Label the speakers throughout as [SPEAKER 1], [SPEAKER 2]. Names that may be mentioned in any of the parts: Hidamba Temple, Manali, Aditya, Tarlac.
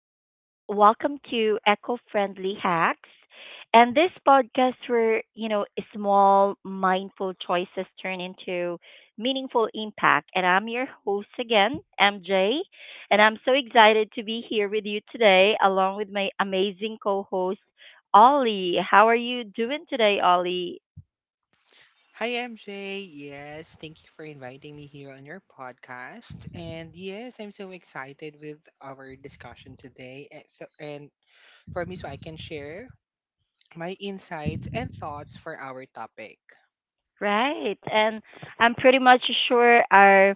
[SPEAKER 1] and welcome to Eco Friendly Hacks. And this podcast where, small, mindful choices turn into meaningful impact. And I'm your host again, MJ, and I'm so excited to be here with you today, along with my amazing co host, Ollie. How are you doing today, Ollie?
[SPEAKER 2] Hi, MJ. Yes, thank you for inviting me here on your podcast. And yes, I'm so excited with our discussion today. And, so, and for me, so I can share my insights and thoughts for our topic.
[SPEAKER 1] Right. And I'm pretty much sure our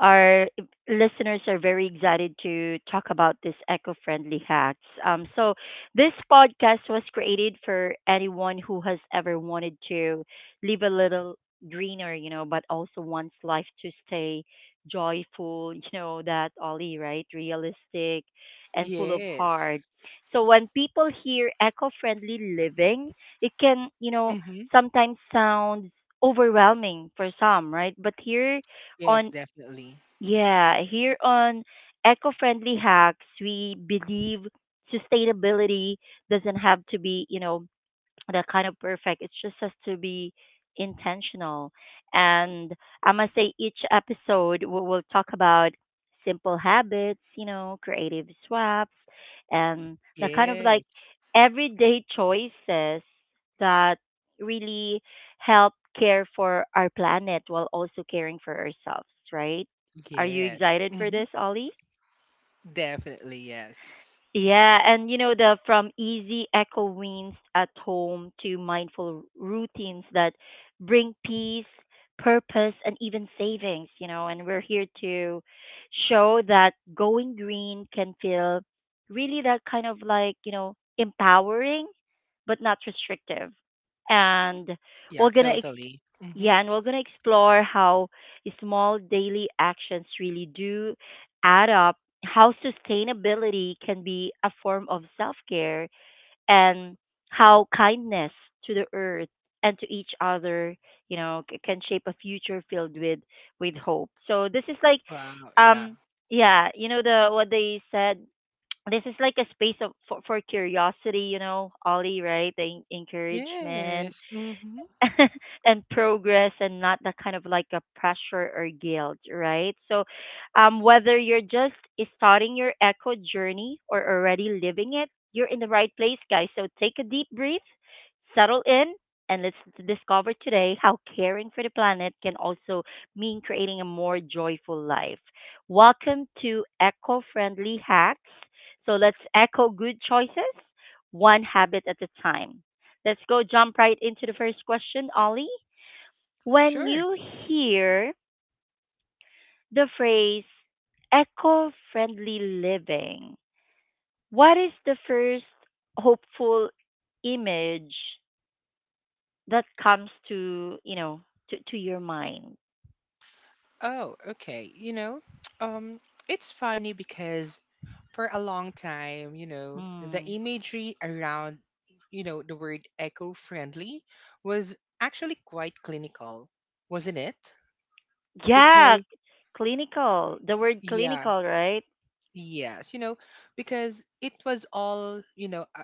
[SPEAKER 1] our listeners are very excited to talk about these eco-friendly hacks. So this podcast was created for anyone who has ever wanted to live a little greener, you know, but also wants life to stay joyful, you know, that Ollie, right? Realistic and full of
[SPEAKER 2] Yes.
[SPEAKER 1] heart. So when people hear eco-friendly living, it can, you know,
[SPEAKER 2] Mm-hmm.
[SPEAKER 1] sometimes sounds overwhelming for some, right? But
[SPEAKER 2] Yes,
[SPEAKER 1] on
[SPEAKER 2] definitely.
[SPEAKER 1] yeah, here on Eco Friendly Hacks, we believe sustainability doesn't have to be, you know, that kind of perfect. It just has to be intentional. And I must say, each episode we will talk about simple habits, you know, creative swaps, and the kind of like
[SPEAKER 2] Yes.
[SPEAKER 1] everyday choices that really help care for our planet while also caring for ourselves, right? Are you
[SPEAKER 2] Yes.
[SPEAKER 1] excited for
[SPEAKER 2] Mm-hmm.
[SPEAKER 1] this, Ollie?
[SPEAKER 2] Definitely. Yes.
[SPEAKER 1] Yeah, and you know the from easy echo wins at home to mindful routines that bring peace, purpose, and even savings. You know, and we're here to show that going green can feel really that kind of like you know empowering, but not restrictive. And
[SPEAKER 2] Yeah,
[SPEAKER 1] we're gonna ex-
[SPEAKER 2] totally. Mm-hmm.
[SPEAKER 1] yeah, and we're gonna explore how small daily actions really do add up, how sustainability can be a form of self care, and how kindness to the earth and to each other, you know, can shape a future filled with hope. So this is like,
[SPEAKER 2] Wow. Yeah.
[SPEAKER 1] um, yeah, you know the what they said. This is like a space of for curiosity, you know, Ollie, right? The encouragement
[SPEAKER 2] Yes. Mm-hmm.
[SPEAKER 1] and progress and not that kind of like a pressure or guilt, right? So, whether you're just starting your echo journey or already living it, you're in the right place, guys. So, take a deep breath, settle in, and let's discover today how caring for the planet can also mean creating a more joyful life. Welcome to Eco Friendly Hacks. So, let's echo good choices one habit at a time. Let's go jump right into the first question, Ollie. When
[SPEAKER 2] Sure.
[SPEAKER 1] you hear the phrase eco friendly living, what is the first hopeful image that comes to, you know, to your mind?
[SPEAKER 2] Oh, okay. Um, it's funny because for a long time, the
[SPEAKER 1] Hmm.
[SPEAKER 2] imagery around, the word eco-friendly was actually quite clinical, wasn't it?
[SPEAKER 1] Yeah,
[SPEAKER 2] Because,
[SPEAKER 1] clinical. The word
[SPEAKER 2] yeah,
[SPEAKER 1] clinical, right?
[SPEAKER 2] yes, because it was all,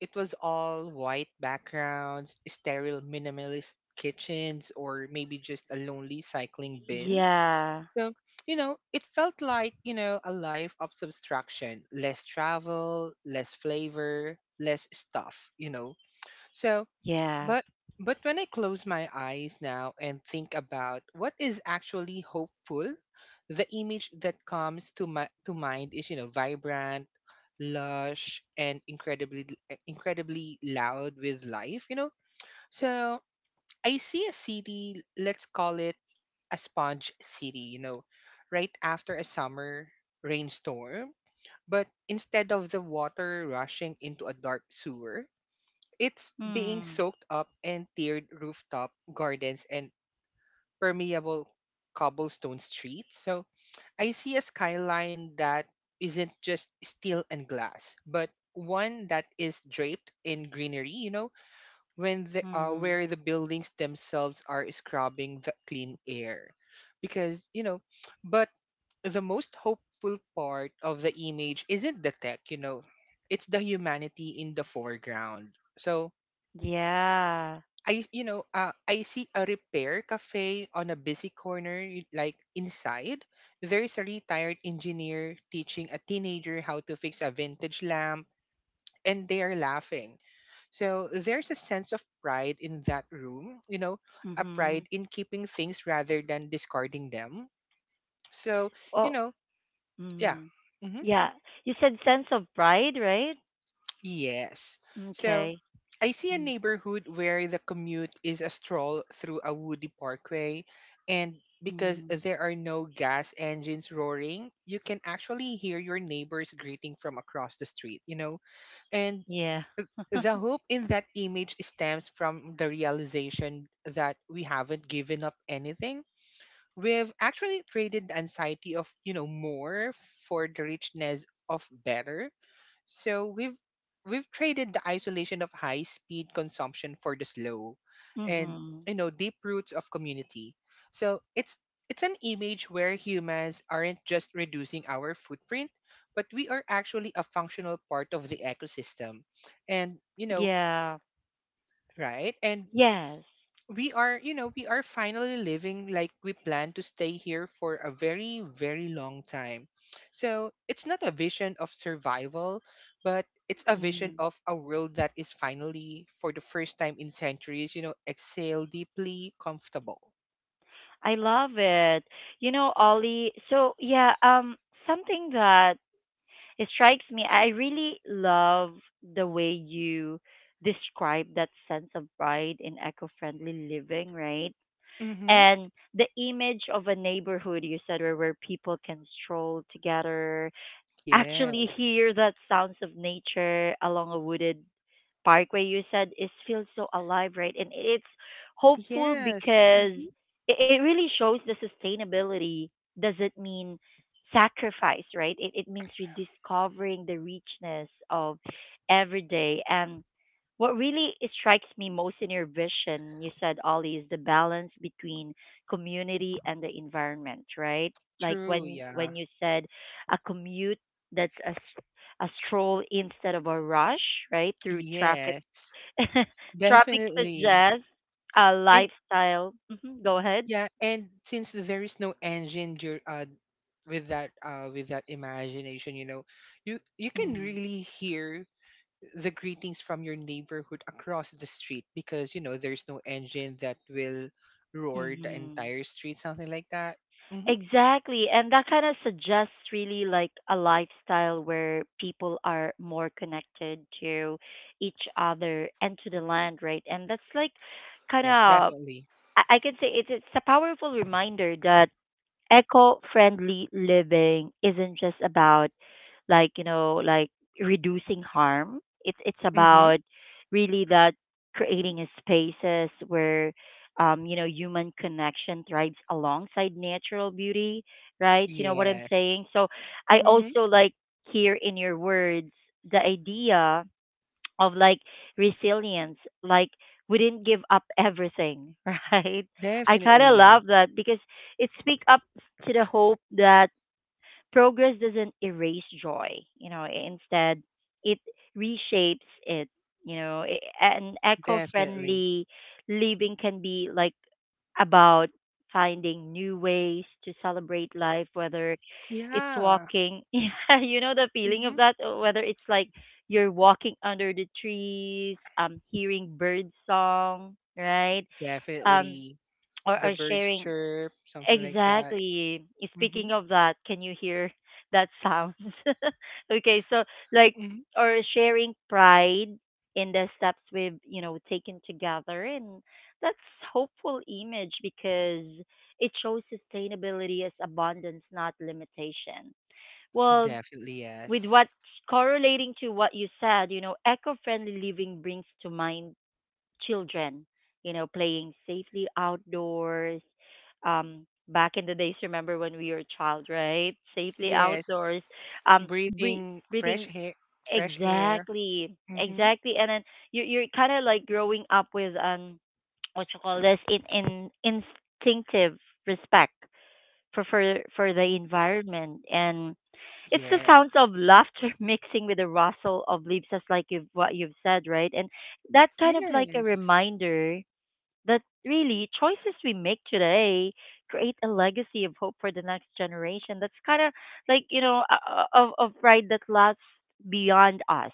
[SPEAKER 2] it was all white backgrounds, sterile minimalist kitchens, or maybe just a lonely cycling bin.
[SPEAKER 1] Yeah,
[SPEAKER 2] So, it felt like, a life of subtraction, less travel, less flavor, less stuff, you know. So,
[SPEAKER 1] yeah.
[SPEAKER 2] but but when I close my eyes now and think about what is actually hopeful, the image that comes to my to mind is, you know, vibrant, lush and incredibly loud with life, you know. So, I see a city, let's call it a sponge city, you know, right after a summer rainstorm. But instead of the water rushing into a dark sewer, it's being
[SPEAKER 1] Hmm.
[SPEAKER 2] soaked up in tiered rooftop gardens and permeable cobblestone streets. So I see a skyline that isn't just steel and glass, but one that is draped in greenery, you know, when the
[SPEAKER 1] Hmm.
[SPEAKER 2] where the buildings themselves are scrubbing the clean air because you know but the most hopeful part of the image isn't the tech, you know, it's the humanity in the foreground. So
[SPEAKER 1] Yeah.
[SPEAKER 2] I you know I see a repair cafe on a busy corner, like inside there's a retired engineer teaching a teenager how to fix a vintage lamp, and they are laughing. So there's a sense of pride in that room, you know, a
[SPEAKER 1] Mm-hmm.
[SPEAKER 2] pride in keeping things rather than discarding them. So, you
[SPEAKER 1] Oh.
[SPEAKER 2] know, yeah.
[SPEAKER 1] Mm.
[SPEAKER 2] Hmm.
[SPEAKER 1] Yeah. You said sense of pride, right?
[SPEAKER 2] Yes. So
[SPEAKER 1] Okay.
[SPEAKER 2] I see a
[SPEAKER 1] Mm.
[SPEAKER 2] neighborhood where the commute is a stroll through a woody parkway. And because
[SPEAKER 1] Mm.
[SPEAKER 2] there are no gas engines roaring, you can actually hear your neighbors greeting from across the street, you know. And
[SPEAKER 1] Yeah.
[SPEAKER 2] the hope in that image stems from the realization that we haven't given up anything. We've actually traded the anxiety of, you know, more for the richness of better. So we've traded the isolation of high speed consumption for the slow and,
[SPEAKER 1] Mm-hmm.
[SPEAKER 2] you know, deep roots of community. So it's an image where humans aren't just reducing our footprint, but we are actually a functional part of the ecosystem. And you know,
[SPEAKER 1] Yeah.
[SPEAKER 2] right? And
[SPEAKER 1] Yes.
[SPEAKER 2] we are, you know, we are finally living like we plan to stay here for a very, very long time. So it's not a vision of survival, but it's a vision
[SPEAKER 1] Mm.
[SPEAKER 2] of a world that is finally, for the first time in centuries, you know, exhale deeply comfortable.
[SPEAKER 1] I love it. You know, Ollie, so yeah, something that it strikes me, I really love the way you describe that sense of pride in eco-friendly living, right?
[SPEAKER 2] Mm-hmm.
[SPEAKER 1] And the image of a neighborhood you said where, people can stroll together, actually
[SPEAKER 2] Yes.
[SPEAKER 1] hear that sounds of nature along a wooded park where you said is feels so alive, right? And it's hopeful
[SPEAKER 2] Yes.
[SPEAKER 1] because
[SPEAKER 2] Hmm.
[SPEAKER 1] it really shows the sustainability doesn't mean sacrifice, right? It means rediscovering the richness of every day. And what really strikes me most in your vision, you said, Ollie, is the balance between community and the environment, right? Like
[SPEAKER 2] True.
[SPEAKER 1] when
[SPEAKER 2] Yeah.
[SPEAKER 1] when you said a commute that's a, s- a stroll instead of a rush, right? Through traffic.
[SPEAKER 2] Yes.
[SPEAKER 1] Tropics
[SPEAKER 2] Definitely.
[SPEAKER 1] suggests a
[SPEAKER 2] And
[SPEAKER 1] lifestyle. Hmm. Go ahead.
[SPEAKER 2] yeah, and since there is no with that with that imagination, you know, you can really hear the greetings from your neighborhood across the street because you know there's no engine that will roar the
[SPEAKER 1] Mm-hmm.
[SPEAKER 2] entire street, something like that. Mm-hmm.
[SPEAKER 1] Exactly. And that kind of suggests really like a lifestyle where people are more connected to each other and to the land, right? And that's like kind
[SPEAKER 2] Yes,
[SPEAKER 1] of,
[SPEAKER 2] definitely.
[SPEAKER 1] I can say it's a powerful reminder that eco-friendly living isn't just about like you know like reducing harm. It's
[SPEAKER 2] Mm-hmm.
[SPEAKER 1] about really that creating a spaces where you know human connection thrives alongside natural beauty, right? You know what I'm
[SPEAKER 2] Yes.
[SPEAKER 1] saying? So I
[SPEAKER 2] Mm-hmm.
[SPEAKER 1] also like hear in your words the idea of like resilience, like we didn't give up everything. Right? I kind
[SPEAKER 2] Definitely
[SPEAKER 1] of love
[SPEAKER 2] yes.
[SPEAKER 1] that because it speaks up to the hope that progress doesn't erase joy, you know. Instead it reshapes it, you know. An
[SPEAKER 2] Definitely.
[SPEAKER 1] eco-friendly living can be like about finding new ways to celebrate life, whether it's
[SPEAKER 2] Yeah.
[SPEAKER 1] walking. Yeah, you know the feeling
[SPEAKER 2] Mm-hmm.
[SPEAKER 1] of that, whether it's like you're walking under the trees, um, hearing bird song, right? Um,
[SPEAKER 2] Definitely. The
[SPEAKER 1] or
[SPEAKER 2] birds
[SPEAKER 1] sharing.
[SPEAKER 2] chirp, something like that.
[SPEAKER 1] Exactly.
[SPEAKER 2] Mm-hmm.
[SPEAKER 1] Speaking of that, can you hear that sound? Okay, so like,
[SPEAKER 2] Mm-hmm.
[SPEAKER 1] or sharing pride in the steps we've, you know, taken together, and that's hopeful image because it shows sustainability as abundance, not limitation. Well,
[SPEAKER 2] Definitely
[SPEAKER 1] with
[SPEAKER 2] yes.
[SPEAKER 1] what correlating to what you said, you know, eco-friendly living brings to mind children, you know, playing safely outdoors. Back in the days, remember when we were a child, right? Safely
[SPEAKER 2] Yes.
[SPEAKER 1] outdoors, um, bre-
[SPEAKER 2] Breathing fresh
[SPEAKER 1] breathing.
[SPEAKER 2] air, fresh air.
[SPEAKER 1] Exactly,
[SPEAKER 2] Mm-hmm.
[SPEAKER 1] exactly. And then you you're kind of like growing up with what you call this, in instinctive respect for the environment, and it's the
[SPEAKER 2] Yeah.
[SPEAKER 1] sounds of laughter mixing with the rustle of leaves, just like you've, what you've said, right? And that kind of like a
[SPEAKER 2] Yes.
[SPEAKER 1] reminder that really choices we make today create a legacy of hope for the next generation. That's kind of like you know of pride that lasts beyond us,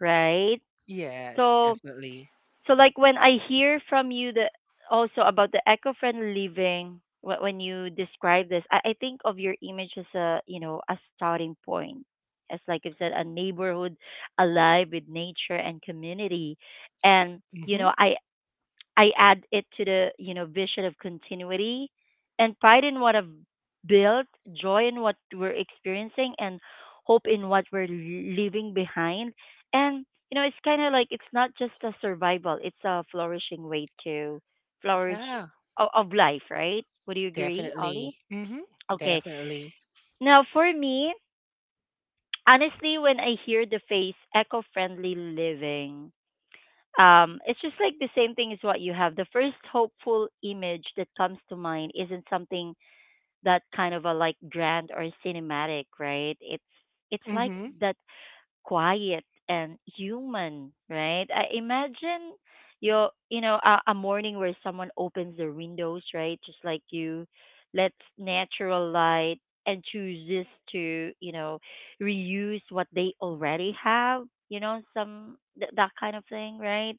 [SPEAKER 1] right?
[SPEAKER 2] Yes,
[SPEAKER 1] So,
[SPEAKER 2] definitely.
[SPEAKER 1] so like when I hear from you the also about the eco-friendly living, when you describe this, I think of your image as a, you know, a starting point, as like you said a neighborhood alive with nature and community, and you
[SPEAKER 2] Mm-hmm.
[SPEAKER 1] know I add it to the, you know, vision of continuity and pride in what I've built, joy in what we're experiencing, and hope in what we're leaving behind. And, you know, it's kind of like it's not just a survival, it's a flourishing way to flourish
[SPEAKER 2] Yeah,
[SPEAKER 1] of life, right? Would you agree, Ollie?
[SPEAKER 2] definitely. Mm-hmm.
[SPEAKER 1] Okay.
[SPEAKER 2] Definitely.
[SPEAKER 1] Now, for me, honestly, when I hear the phrase eco friendly living, it's just like the same thing as what you have. The first hopeful image that comes to mind isn't something that kind of a like grand or cinematic, right? It's like
[SPEAKER 2] Mm-hmm.
[SPEAKER 1] that quiet and human, right? I imagine you you know a morning where someone opens their windows, right? Just like you, lets natural light and chooses to you know reuse what they already have. You know, some that kind of thing, right?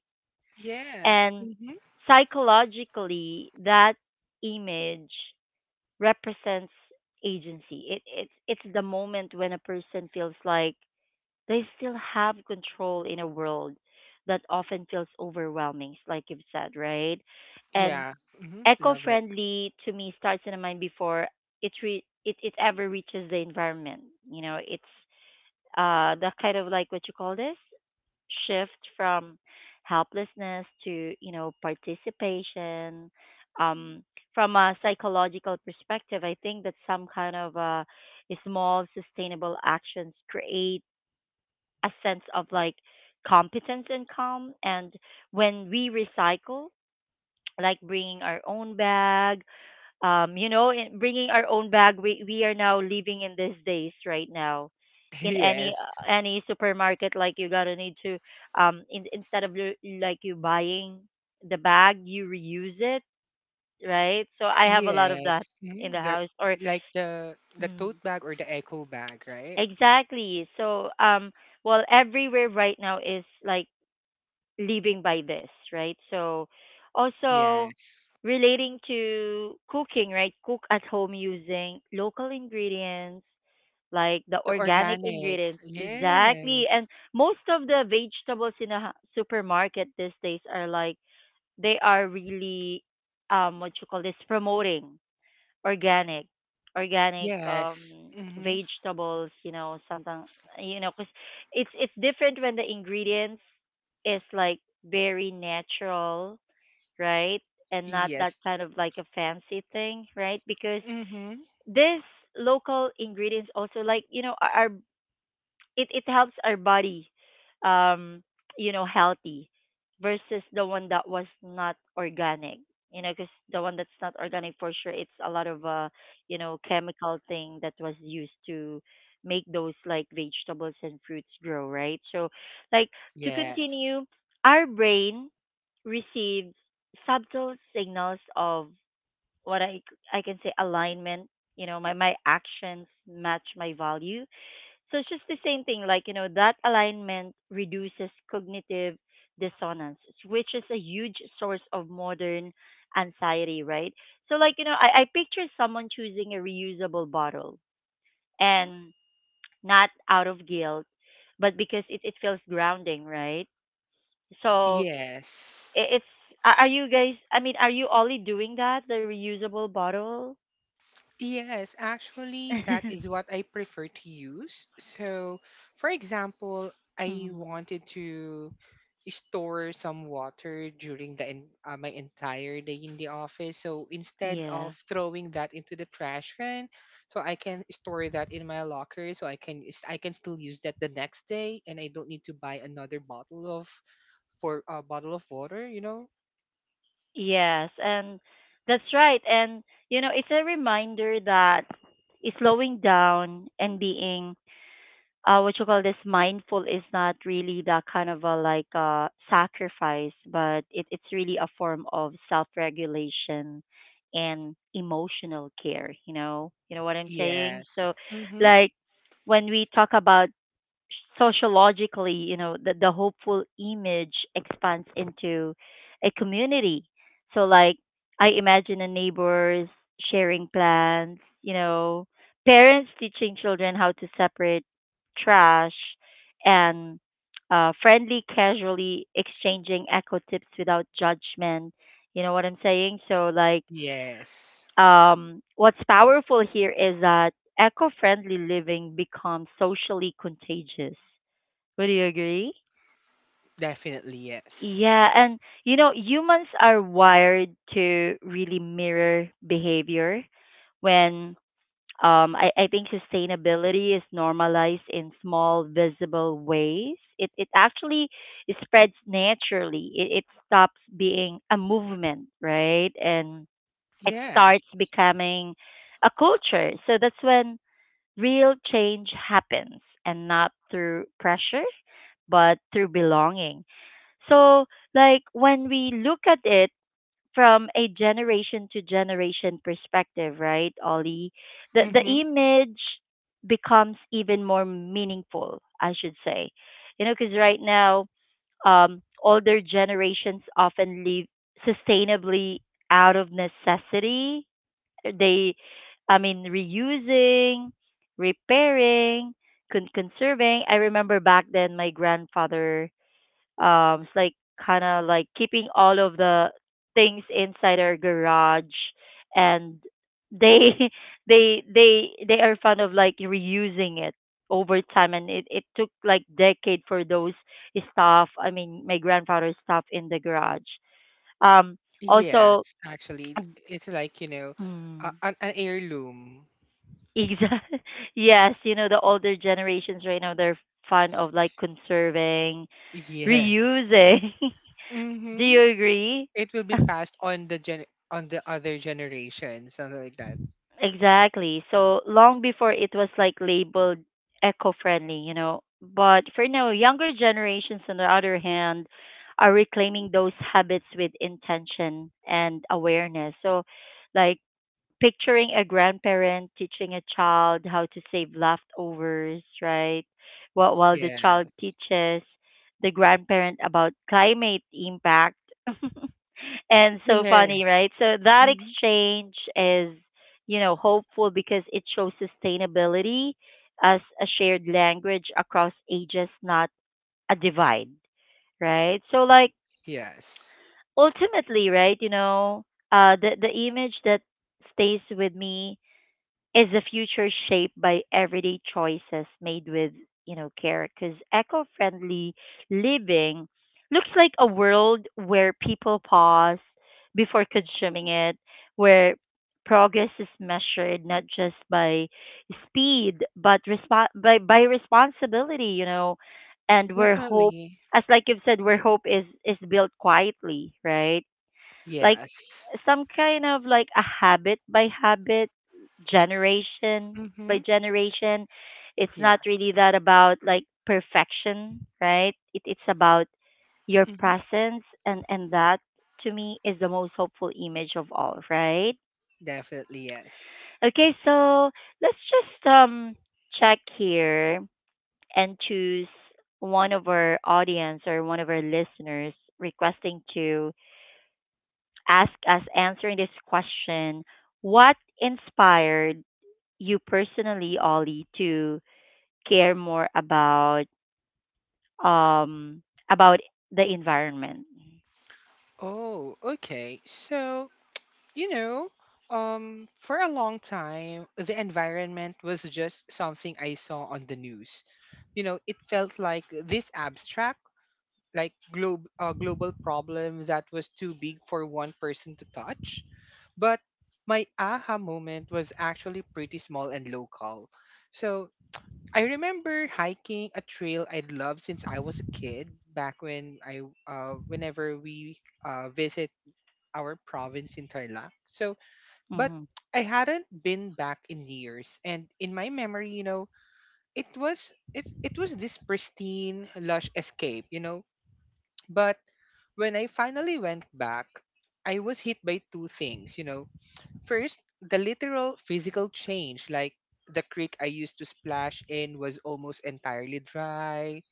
[SPEAKER 2] Yes.
[SPEAKER 1] And
[SPEAKER 2] Mm-hmm.
[SPEAKER 1] psychologically, that image represents agency. It's the moment when a person feels like they still have control in a world that often feels overwhelming, like you've said, right? And
[SPEAKER 2] Yeah. Mm-hmm. Love it.
[SPEAKER 1] eco-friendly to me starts in a mind before it ever reaches the environment. You know, it's the kind of like what you call this? Shift from helplessness to you know participation, um, from a psychological perspective, I think that some kind of small sustainable actions create a sense of like competence and calm. And when we recycle, like bringing our own bag, you know, in bringing our own bag. We are now living in these days right now, in
[SPEAKER 2] Yes.
[SPEAKER 1] any supermarket. Like you gotta need to, instead of like you buying the bag, you reuse it, right? So I have a lot of that
[SPEAKER 2] Yes.
[SPEAKER 1] in
[SPEAKER 2] Mm-hmm.
[SPEAKER 1] the
[SPEAKER 2] They're
[SPEAKER 1] house. Or
[SPEAKER 2] like the
[SPEAKER 1] mm,
[SPEAKER 2] tote bag or the eco bag, right?
[SPEAKER 1] exactly. So well, everywhere right now is like living by this, right? So also
[SPEAKER 2] Yes.
[SPEAKER 1] relating to cooking, right? Cook at home using local ingredients, like the
[SPEAKER 2] The
[SPEAKER 1] organic
[SPEAKER 2] organics.
[SPEAKER 1] ingredients. Exactly. And
[SPEAKER 2] Yes.
[SPEAKER 1] most of the vegetables in a supermarket these days are like they are really what you call this promoting organic,
[SPEAKER 2] Yes.
[SPEAKER 1] um,
[SPEAKER 2] Mm-hmm.
[SPEAKER 1] vegetables, you know. Sometimes, you know, 'cause it's different when the ingredients is like very natural, right? And not that
[SPEAKER 2] Yes.
[SPEAKER 1] kind of like a fancy thing, right? Because
[SPEAKER 2] Mm-hmm.
[SPEAKER 1] this local ingredients also like you know our, it helps our body, um, you know, healthy versus the one that was not organic. You know, because the one that's not organic for sure it's a lot of, uh, you know, chemical thing that was used to make those like vegetables and fruits grow, right? So like, to
[SPEAKER 2] Yes.
[SPEAKER 1] continue, our brain receives subtle signals of what I can say alignment, you know, my actions match my value. So it's just the same thing, like, you know, that alignment reduces cognitive dissonance, which is a huge source of modern anxiety, right? So, like, you know, I picture someone choosing a reusable bottle, and not out of guilt, but because it feels grounding, right? So
[SPEAKER 2] Yes.
[SPEAKER 1] it, it's, are you guys, I mean, are you only doing that, the reusable bottle?
[SPEAKER 2] Yes, actually, that is what I prefer to use. So, for example, I
[SPEAKER 1] Mhm.
[SPEAKER 2] wanted to store some water during my entire day in the office. So instead
[SPEAKER 1] Yeah.
[SPEAKER 2] of throwing that into the trash can, so I can store that in my locker, so I can still use that the next day, and I don't need to buy another bottle of for a bottle of water. You know?
[SPEAKER 1] Yes, and that's right. And you know, it's a reminder that slowing down and being what you call this mindful is not really that kind of a like sacrifice, but it's really a form of self regulation and emotional care, you know? You know what I'm saying?
[SPEAKER 2] Yes.
[SPEAKER 1] So
[SPEAKER 2] Mm-hmm.
[SPEAKER 1] like when we talk about sociologically, you know, the hopeful image expands into a community. So, like, I imagine the neighbors sharing plans, you know, parents teaching children how to separate trash, and friendly, casually exchanging eco tips without judgment. You know what I'm saying? So, like,
[SPEAKER 2] Yes.
[SPEAKER 1] what's powerful here is that eco friendly living becomes socially contagious, would you agree?
[SPEAKER 2] Definitely, yes.
[SPEAKER 1] Yeah, and you know, humans are wired to really mirror behavior when I think sustainability is normalized in small visible ways. It actually spreads naturally. It stops being a movement, right? And it
[SPEAKER 2] Yes.
[SPEAKER 1] starts becoming a culture. So that's when real change happens, and not through pressure, but through belonging. So, like when we look at it from a generation to generation perspective, right, Ollie, the
[SPEAKER 2] Mm-hmm.
[SPEAKER 1] image becomes even more meaningful, I should say. You know, because right now, older generations often live sustainably out of necessity. They, I mean, reusing, repairing, conserving. I remember back then my grandfather it's like kind of like keeping all of the things inside our garage, and they they are fond of like reusing it over time, and it took like decade for those stuff. I mean, my grandfather's stuff in the garage. Um,
[SPEAKER 2] Yes,
[SPEAKER 1] also.
[SPEAKER 2] actually, it's like,
[SPEAKER 1] Mm.
[SPEAKER 2] an heirloom.
[SPEAKER 1] Exactly. Yes, you know, the older generations right now, they're fond of like conserving,
[SPEAKER 2] Yes.
[SPEAKER 1] reusing. Do
[SPEAKER 2] Mm-hmm.
[SPEAKER 1] you agree?
[SPEAKER 2] It will be passed on the gen on the other generation, something like that.
[SPEAKER 1] Exactly. So long before it was like labeled eco-friendly, you know. But for now, younger generations, on the other hand, are reclaiming those habits with intention and awareness. So, like picturing a grandparent teaching a child how to save leftovers, right? While the
[SPEAKER 2] Yeah.
[SPEAKER 1] child teaches the grandparent about climate impact. And so
[SPEAKER 2] Yes.
[SPEAKER 1] funny, right? So that
[SPEAKER 2] Hmm.
[SPEAKER 1] exchange is, you know, hopeful because it shows sustainability as a shared language across ages, not a divide, right? So like
[SPEAKER 2] Yes.
[SPEAKER 1] ultimately, right, you know, the image that stays with me is the future shaped by everyday choices made with, you know, care, because eco-friendly living looks like a world where people pause before consuming it, where progress is measured not just by speed, but by responsibility, you know, and where hope,
[SPEAKER 2] Definitely.
[SPEAKER 1] as like you've said, where hope is built quietly, right? Like
[SPEAKER 2] Yes.
[SPEAKER 1] some kind of like a habit by habit, generation by
[SPEAKER 2] Mm-hmm.
[SPEAKER 1] generation. It's not
[SPEAKER 2] Yes.
[SPEAKER 1] really that about like perfection, right? It's about your
[SPEAKER 2] Mm-hmm.
[SPEAKER 1] presence, and that to me is the most hopeful image of all, right?
[SPEAKER 2] Definitely yes.
[SPEAKER 1] Okay, so let's just check here and choose one of our audience or one of our listeners requesting to ask us answering this question. What inspired you personally, Ollie, to care more about, um, about the environment?
[SPEAKER 2] Oh, okay. So You know, for a long time, the environment was just something I saw on the news. You know, it felt like this abstract, like global problem that was too big for one person to touch. But my aha moment was actually pretty small and local. So I remember hiking a trail I'd loved since I was a kid. Back when whenever we visit our province in Tarlac, so but
[SPEAKER 1] Mm-hmm.
[SPEAKER 2] I hadn't been back in years, and in my memory, you know, it was this pristine, lush escape, you know. But when I finally went back, I was hit by two things, you know. First, the literal physical change, like the creek I used to splash in was almost entirely dry,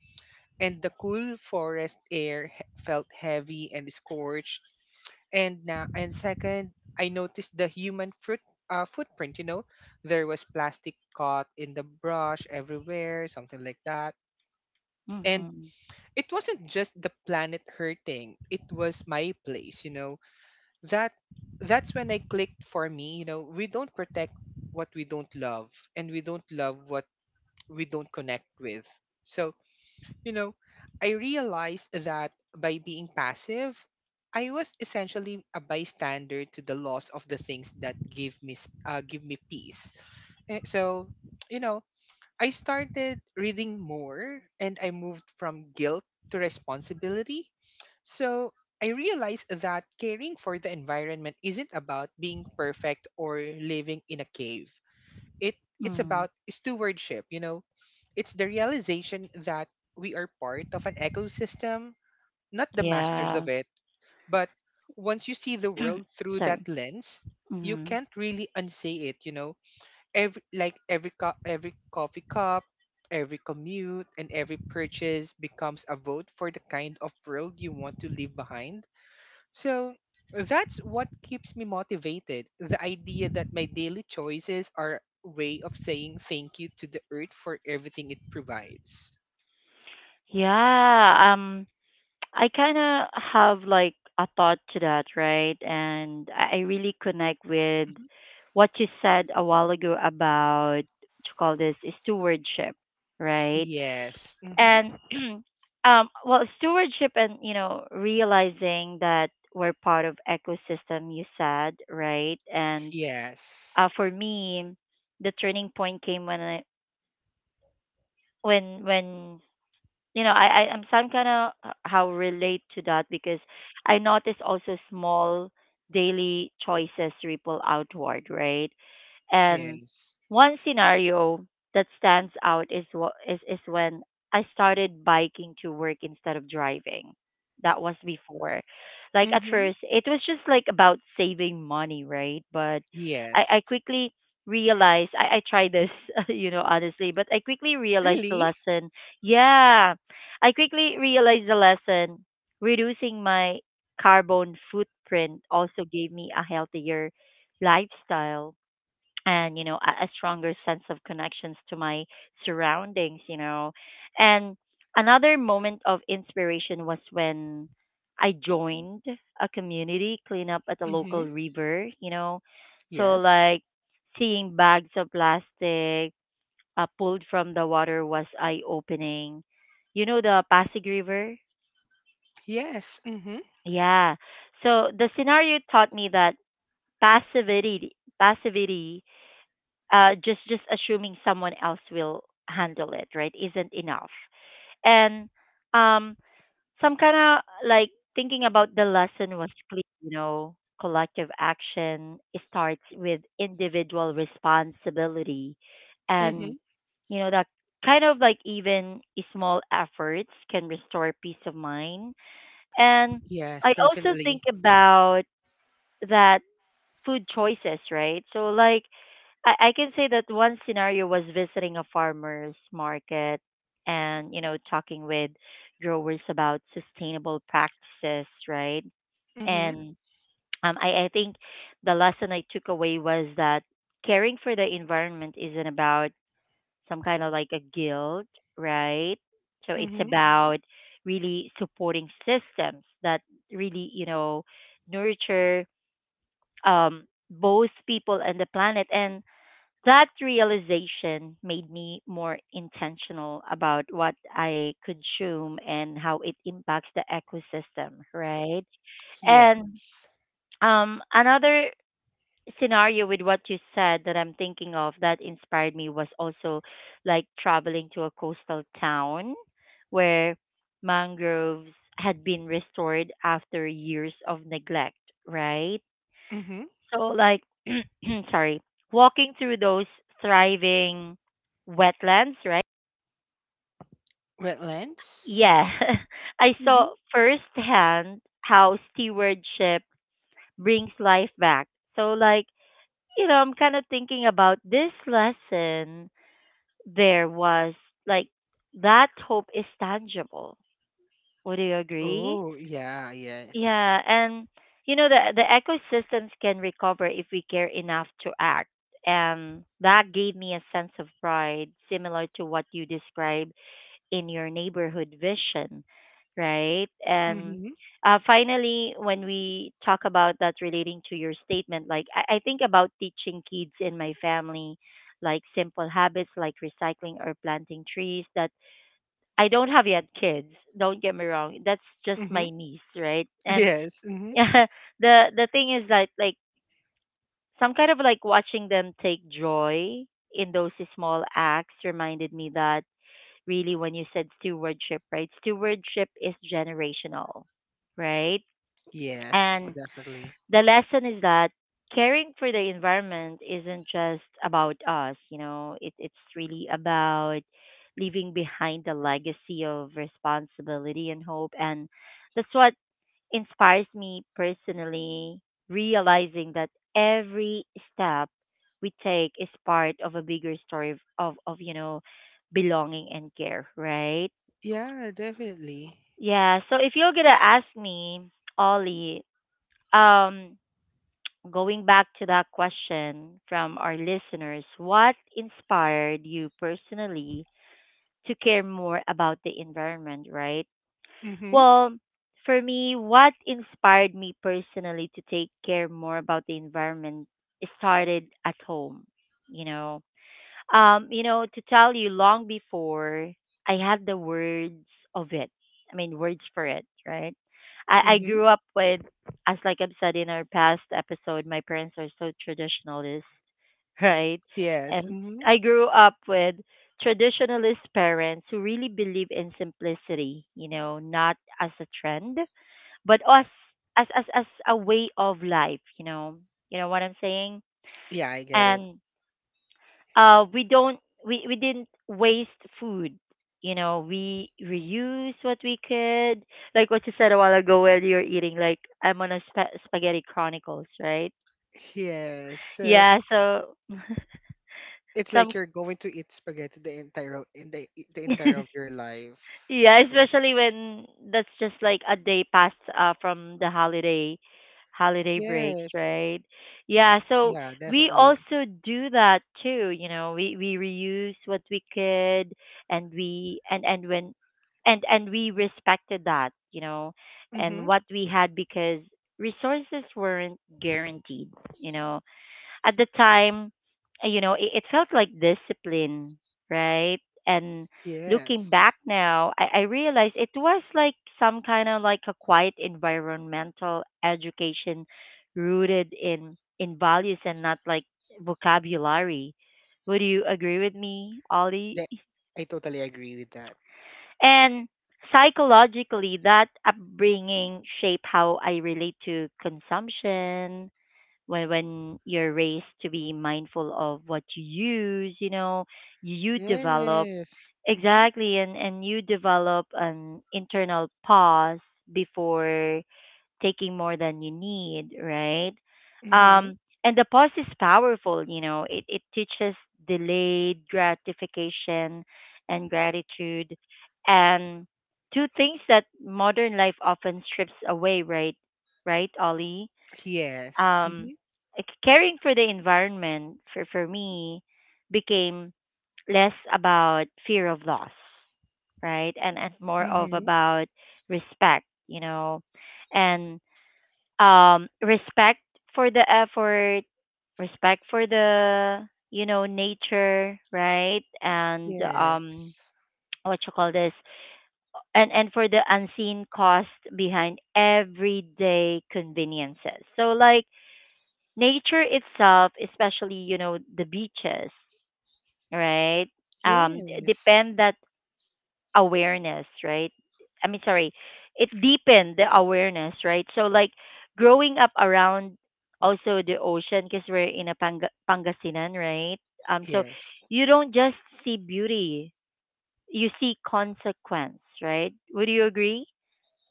[SPEAKER 2] and the cool forest air felt heavy and scorched and now, and second, I noticed the human fruit footprint. You know, there was plastic caught in the brush everywhere, something like that.
[SPEAKER 1] Mm-hmm.
[SPEAKER 2] And it wasn't just the planet hurting; it was my place. You know that that's when I clicked for me. You know, we don't protect what we don't love, and we don't love what we don't connect with. So you know, I realized that by being passive, I was essentially a bystander to the loss of the things that give me peace. Eh, so, you know, I started reading more and I moved from guilt to responsibility. So, I realized that caring for the environment isn't about being perfect or living in a cave. It it's
[SPEAKER 1] Mm.
[SPEAKER 2] about stewardship, you know. It's the realization that we are part of an ecosystem, not the masters of
[SPEAKER 1] Yeah.
[SPEAKER 2] it. But once you see the world through that
[SPEAKER 1] Sorry.
[SPEAKER 2] lens, you
[SPEAKER 1] Mm.
[SPEAKER 2] can't really unsee it, you know. Every coffee cup, every commute and every purchase becomes a vote for the kind of world you want to leave behind. So that's what keeps me motivated. The idea that my daily choices are a way of saying thank you to the earth for everything it provides.
[SPEAKER 1] Yeah. I kind of have like a thought to that, right? And I really connect with
[SPEAKER 2] Mhm.
[SPEAKER 1] what you said a while ago about what you call this stewardship, right?
[SPEAKER 2] Yes. Hmm.
[SPEAKER 1] And well, stewardship and you know realizing that we're part of ecosystem. You said right, and
[SPEAKER 2] Yes.
[SPEAKER 1] for me, the turning point came when I when you know, I'm some kind of how relate to that because I notice also small daily choices ripple outward, right? And
[SPEAKER 2] Yes.
[SPEAKER 1] one scenario that stands out is what is when I started biking to work instead of driving. That was before. Like at
[SPEAKER 2] Hmm.
[SPEAKER 1] first, it was just like about saving money, right? But I
[SPEAKER 2] Yes.
[SPEAKER 1] quickly realized I tried this, you know, honestly, but I quickly realized the
[SPEAKER 2] Really?
[SPEAKER 1] lesson. Yeah, I quickly realized the lesson. Reducing my carbon footprint also gave me a healthier lifestyle, and you know a stronger sense of connections to my surroundings, you know. And another moment of inspiration was when I joined a community cleanup at a
[SPEAKER 2] Hmm.
[SPEAKER 1] local river, you know. So
[SPEAKER 2] Yes.
[SPEAKER 1] like seeing bags of plastic pulled from the water was eye opening. You know the Pasig River?
[SPEAKER 2] Yes. Hmm.
[SPEAKER 1] Yeah. So the scenario taught me that passivity, passivity, just assuming someone else will handle it, right, isn't enough. And um, some kind of like thinking about the lesson was clear, you know, collective action starts with individual responsibility. And,
[SPEAKER 2] Hmm.
[SPEAKER 1] you know, that kind of like even small efforts can restore peace of mind. And
[SPEAKER 2] Yes,
[SPEAKER 1] I also think
[SPEAKER 2] definitely.
[SPEAKER 1] about that food choices, right? So, like, I can say that one scenario was visiting a farmer's market and, you know, talking with growers about sustainable practices, right?
[SPEAKER 2] Hmm.
[SPEAKER 1] And I think the lesson I took away was that caring for the environment isn't about some kind of like a guilt, right? So it's
[SPEAKER 2] Hmm.
[SPEAKER 1] about really supporting systems that really, you know, nurture both people and the planet. And that realization made me more intentional about what I consume and how it impacts the ecosystem, right?
[SPEAKER 2] Yes.
[SPEAKER 1] And another scenario with what you said that I'm thinking of that inspired me was also like traveling to a coastal town where mangroves had been restored after years of neglect, right?
[SPEAKER 2] Hmm.
[SPEAKER 1] So like sorry, walking through those thriving wetlands, right?
[SPEAKER 2] Wetlands?
[SPEAKER 1] Yeah. I saw
[SPEAKER 2] Hmm.
[SPEAKER 1] firsthand how stewardship brings life back. So like, you know, I'm kind of thinking about this lesson there was like that hope is tangible. Would you agree?
[SPEAKER 2] Oh, yeah, yes.
[SPEAKER 1] Yeah, and you know the ecosystems can recover if we care enough to act. And that gave me a sense of pride, similar to what you described in your neighborhood vision, right? And
[SPEAKER 2] Mm-hmm.
[SPEAKER 1] finally, when we talk about that relating to your statement, like I think about teaching kids in my family, like simple habits like recycling or planting trees. That I don't have yet kids. Don't get me wrong. That's just my niece, right? And
[SPEAKER 2] Yes. Hmm.
[SPEAKER 1] yeah the thing is that like some kind of like watching them take joy in those small acts reminded me that really, when you said stewardship, right, stewardship is generational, right?
[SPEAKER 2] Yes,
[SPEAKER 1] And
[SPEAKER 2] definitely.
[SPEAKER 1] the lesson is that caring for the environment isn't just about us, you know. It's really about leaving behind a legacy of responsibility and hope, and that's what inspires me personally, realizing that every step we take is part of a bigger story of, of you know, belonging and care, right?
[SPEAKER 2] Yeah, definitely.
[SPEAKER 1] Yeah, so if you're gonna ask me, Ollie, um, going back to that question from our listeners, what inspired you personally to care more about the environment, right?
[SPEAKER 2] Mm-hmm.
[SPEAKER 1] Well, for me, what inspired me personally to take care more about the environment started at home, you know. You know, to tell you long before I had the words of it. I mean words for it, right? I
[SPEAKER 2] Mm-hmm.
[SPEAKER 1] grew up with, as like I've said in our past episode, my parents are so traditionalist, right?
[SPEAKER 2] Yes.
[SPEAKER 1] And
[SPEAKER 2] Mm-hmm.
[SPEAKER 1] I grew up with traditionalist parents who really believe in simplicity, you know, not as a trend, but as as a way of life, you know. You know what I'm saying?
[SPEAKER 2] Yeah, I get it.
[SPEAKER 1] And we don't we didn't waste food. You know, we reuse what we could. Like what you said a while ago while you were eating, like I'm on a spaghetti chronicles, right?
[SPEAKER 2] Yes. So
[SPEAKER 1] Yeah, so
[SPEAKER 2] it's like
[SPEAKER 1] some
[SPEAKER 2] you're going to eat spaghetti the entire o- in the entire of your life.
[SPEAKER 1] yeah, especially when that's just like a day past from the holiday breaks,
[SPEAKER 2] Yes.
[SPEAKER 1] right? Yeah, so
[SPEAKER 2] Yeah,
[SPEAKER 1] we
[SPEAKER 2] definitely.
[SPEAKER 1] also do that too, you know. We reuse what we could, and we and when and we respected that, you know, and
[SPEAKER 2] Mm-hmm.
[SPEAKER 1] what we had because resources weren't guaranteed, you know, at the time. Uh, you know, it felt like discipline, right? And looking
[SPEAKER 2] Yes.
[SPEAKER 1] back now, I realized it was like some kind of like a quiet environmental education rooted in values and not like vocabulary. Would you agree with me, Ollie?
[SPEAKER 2] That I totally agree with that.
[SPEAKER 1] And psychologically, that upbringing shaped how I relate to consumption. When you're raised to be mindful of what you use, you know, you develop,
[SPEAKER 2] Yes. Mm-hmm.
[SPEAKER 1] exactly, and you develop an internal pause before taking more than you need, right?
[SPEAKER 2] Mm-hmm.
[SPEAKER 1] um and the pause is powerful, you know. It teaches delayed gratification and gratitude, and two things that modern life often strips away, right? Right, Ollie?
[SPEAKER 2] Yes.
[SPEAKER 1] um,
[SPEAKER 2] Mm-hmm.
[SPEAKER 1] like, caring for the environment for me became less about fear of loss, right, and more of
[SPEAKER 2] Mm-hmm.
[SPEAKER 1] about respect, you know, and respect for the effort, respect for the you know nature, right, and
[SPEAKER 2] Yes.
[SPEAKER 1] what you call this, and for the unseen cost behind everyday conveniences. So like nature itself, especially you know the beaches, right?
[SPEAKER 2] Yes.
[SPEAKER 1] Depend that awareness, right? I mean, sorry, it deepened the awareness, right? So like growing up around also the ocean, because we're in a Pangasinan, right? So
[SPEAKER 2] Yes.
[SPEAKER 1] you don't just see beauty, you see consequence, right? Would you agree?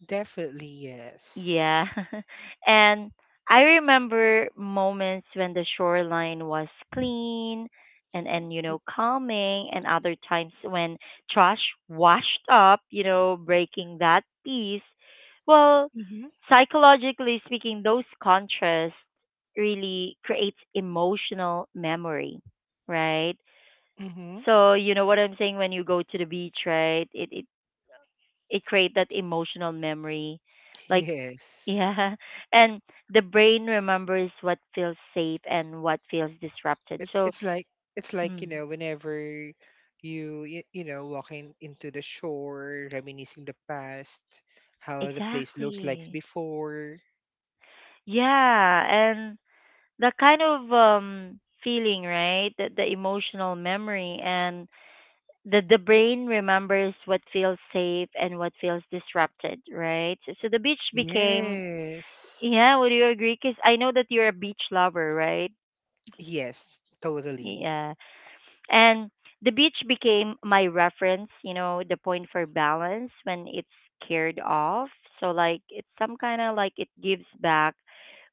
[SPEAKER 2] Definitely yes.
[SPEAKER 1] Yeah. And I remember moments when the shoreline was clean and calming and other times when trash washed up, breaking that peace. Well,
[SPEAKER 2] Mm-hmm.
[SPEAKER 1] psychologically speaking, those contrasts really creates emotional memory, right?
[SPEAKER 2] Mm-hmm.
[SPEAKER 1] So, you know what I'm saying when you go to the beach, right? It create that emotional memory like
[SPEAKER 2] Yes.
[SPEAKER 1] yeah. And the brain remembers what feels safe and what feels disrupted.
[SPEAKER 2] It's
[SPEAKER 1] So,
[SPEAKER 2] it's like it's like you
[SPEAKER 1] mm,
[SPEAKER 2] know whenever you know walking into the shore, reminiscing the past, how the place looks like
[SPEAKER 1] exactly.
[SPEAKER 2] before.
[SPEAKER 1] Yeah. And the kind of feeling, right? The emotional memory and the brain remembers what feels safe and what feels disrupted, right? So the beach became,
[SPEAKER 2] Yes.
[SPEAKER 1] yeah, would you agree? Because I know that you're a beach lover, right?
[SPEAKER 2] Yes. Totally.
[SPEAKER 1] Yeah. And the beach became my reference, you know, the point for balance when it's scared off. So like it's some kind of like it gives back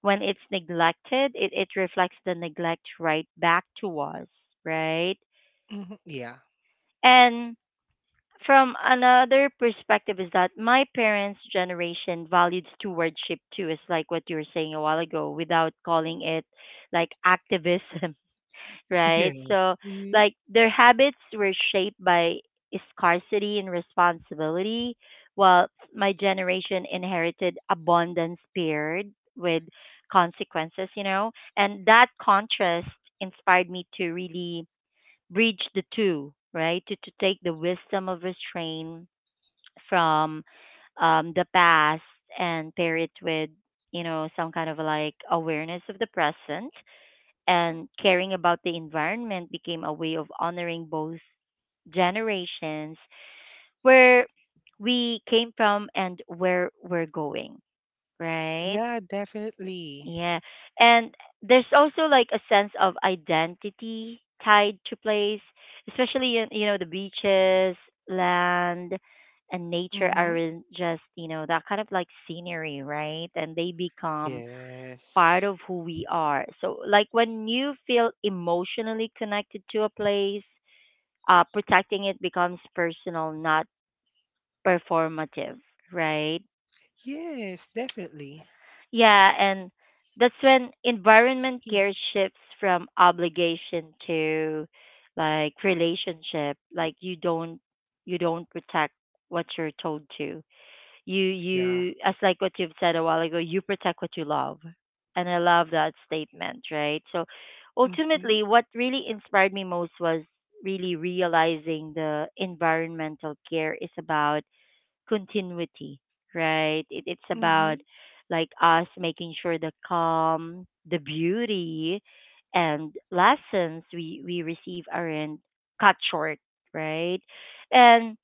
[SPEAKER 1] when it's neglected, it reflects the neglect right back to us, right?
[SPEAKER 2] Mm-hmm. Yeah.
[SPEAKER 1] And from another perspective is that my parents' generation valued stewardship too, is like what you were saying a while ago, without calling it like activism, right? So,
[SPEAKER 2] Yes. Mm-hmm.
[SPEAKER 1] like, their habits were shaped by scarcity and responsibility, while my generation inherited abundance paired with consequences, you know? And that contrast inspired me to really bridge the two, right? To take the wisdom of restraint from the past and pair it with, you know, some kind of like awareness of the present, and caring about the environment became a way of honoring both generations, where we came from and where we're going, right?
[SPEAKER 2] Yeah. Definitely.
[SPEAKER 1] Yeah. And there's also like a sense of identity tied to place, especially you know the beaches, land, and nature
[SPEAKER 2] Mm-hmm.
[SPEAKER 1] aren't just, you know, that kind of like scenery, right? And they become part
[SPEAKER 2] Yes.
[SPEAKER 1] of who we are. So, like when you feel emotionally connected to a place, protecting it becomes personal, not performative, right?
[SPEAKER 2] Yes. Definitely.
[SPEAKER 1] Yeah, and that's when environment
[SPEAKER 2] Mm.
[SPEAKER 1] care shifts from obligation to like relationship. Like you don't protect what you're told to. you
[SPEAKER 2] Yeah.
[SPEAKER 1] you as like what you've said a while ago, you protect what you love, and I love that statement, right? So
[SPEAKER 2] Mm-hmm.
[SPEAKER 1] ultimately what really inspired me most was really realizing the environmental care is about continuity, right? It's about like us making sure the calm, the beauty and lessons we receive aren't cut short, right? And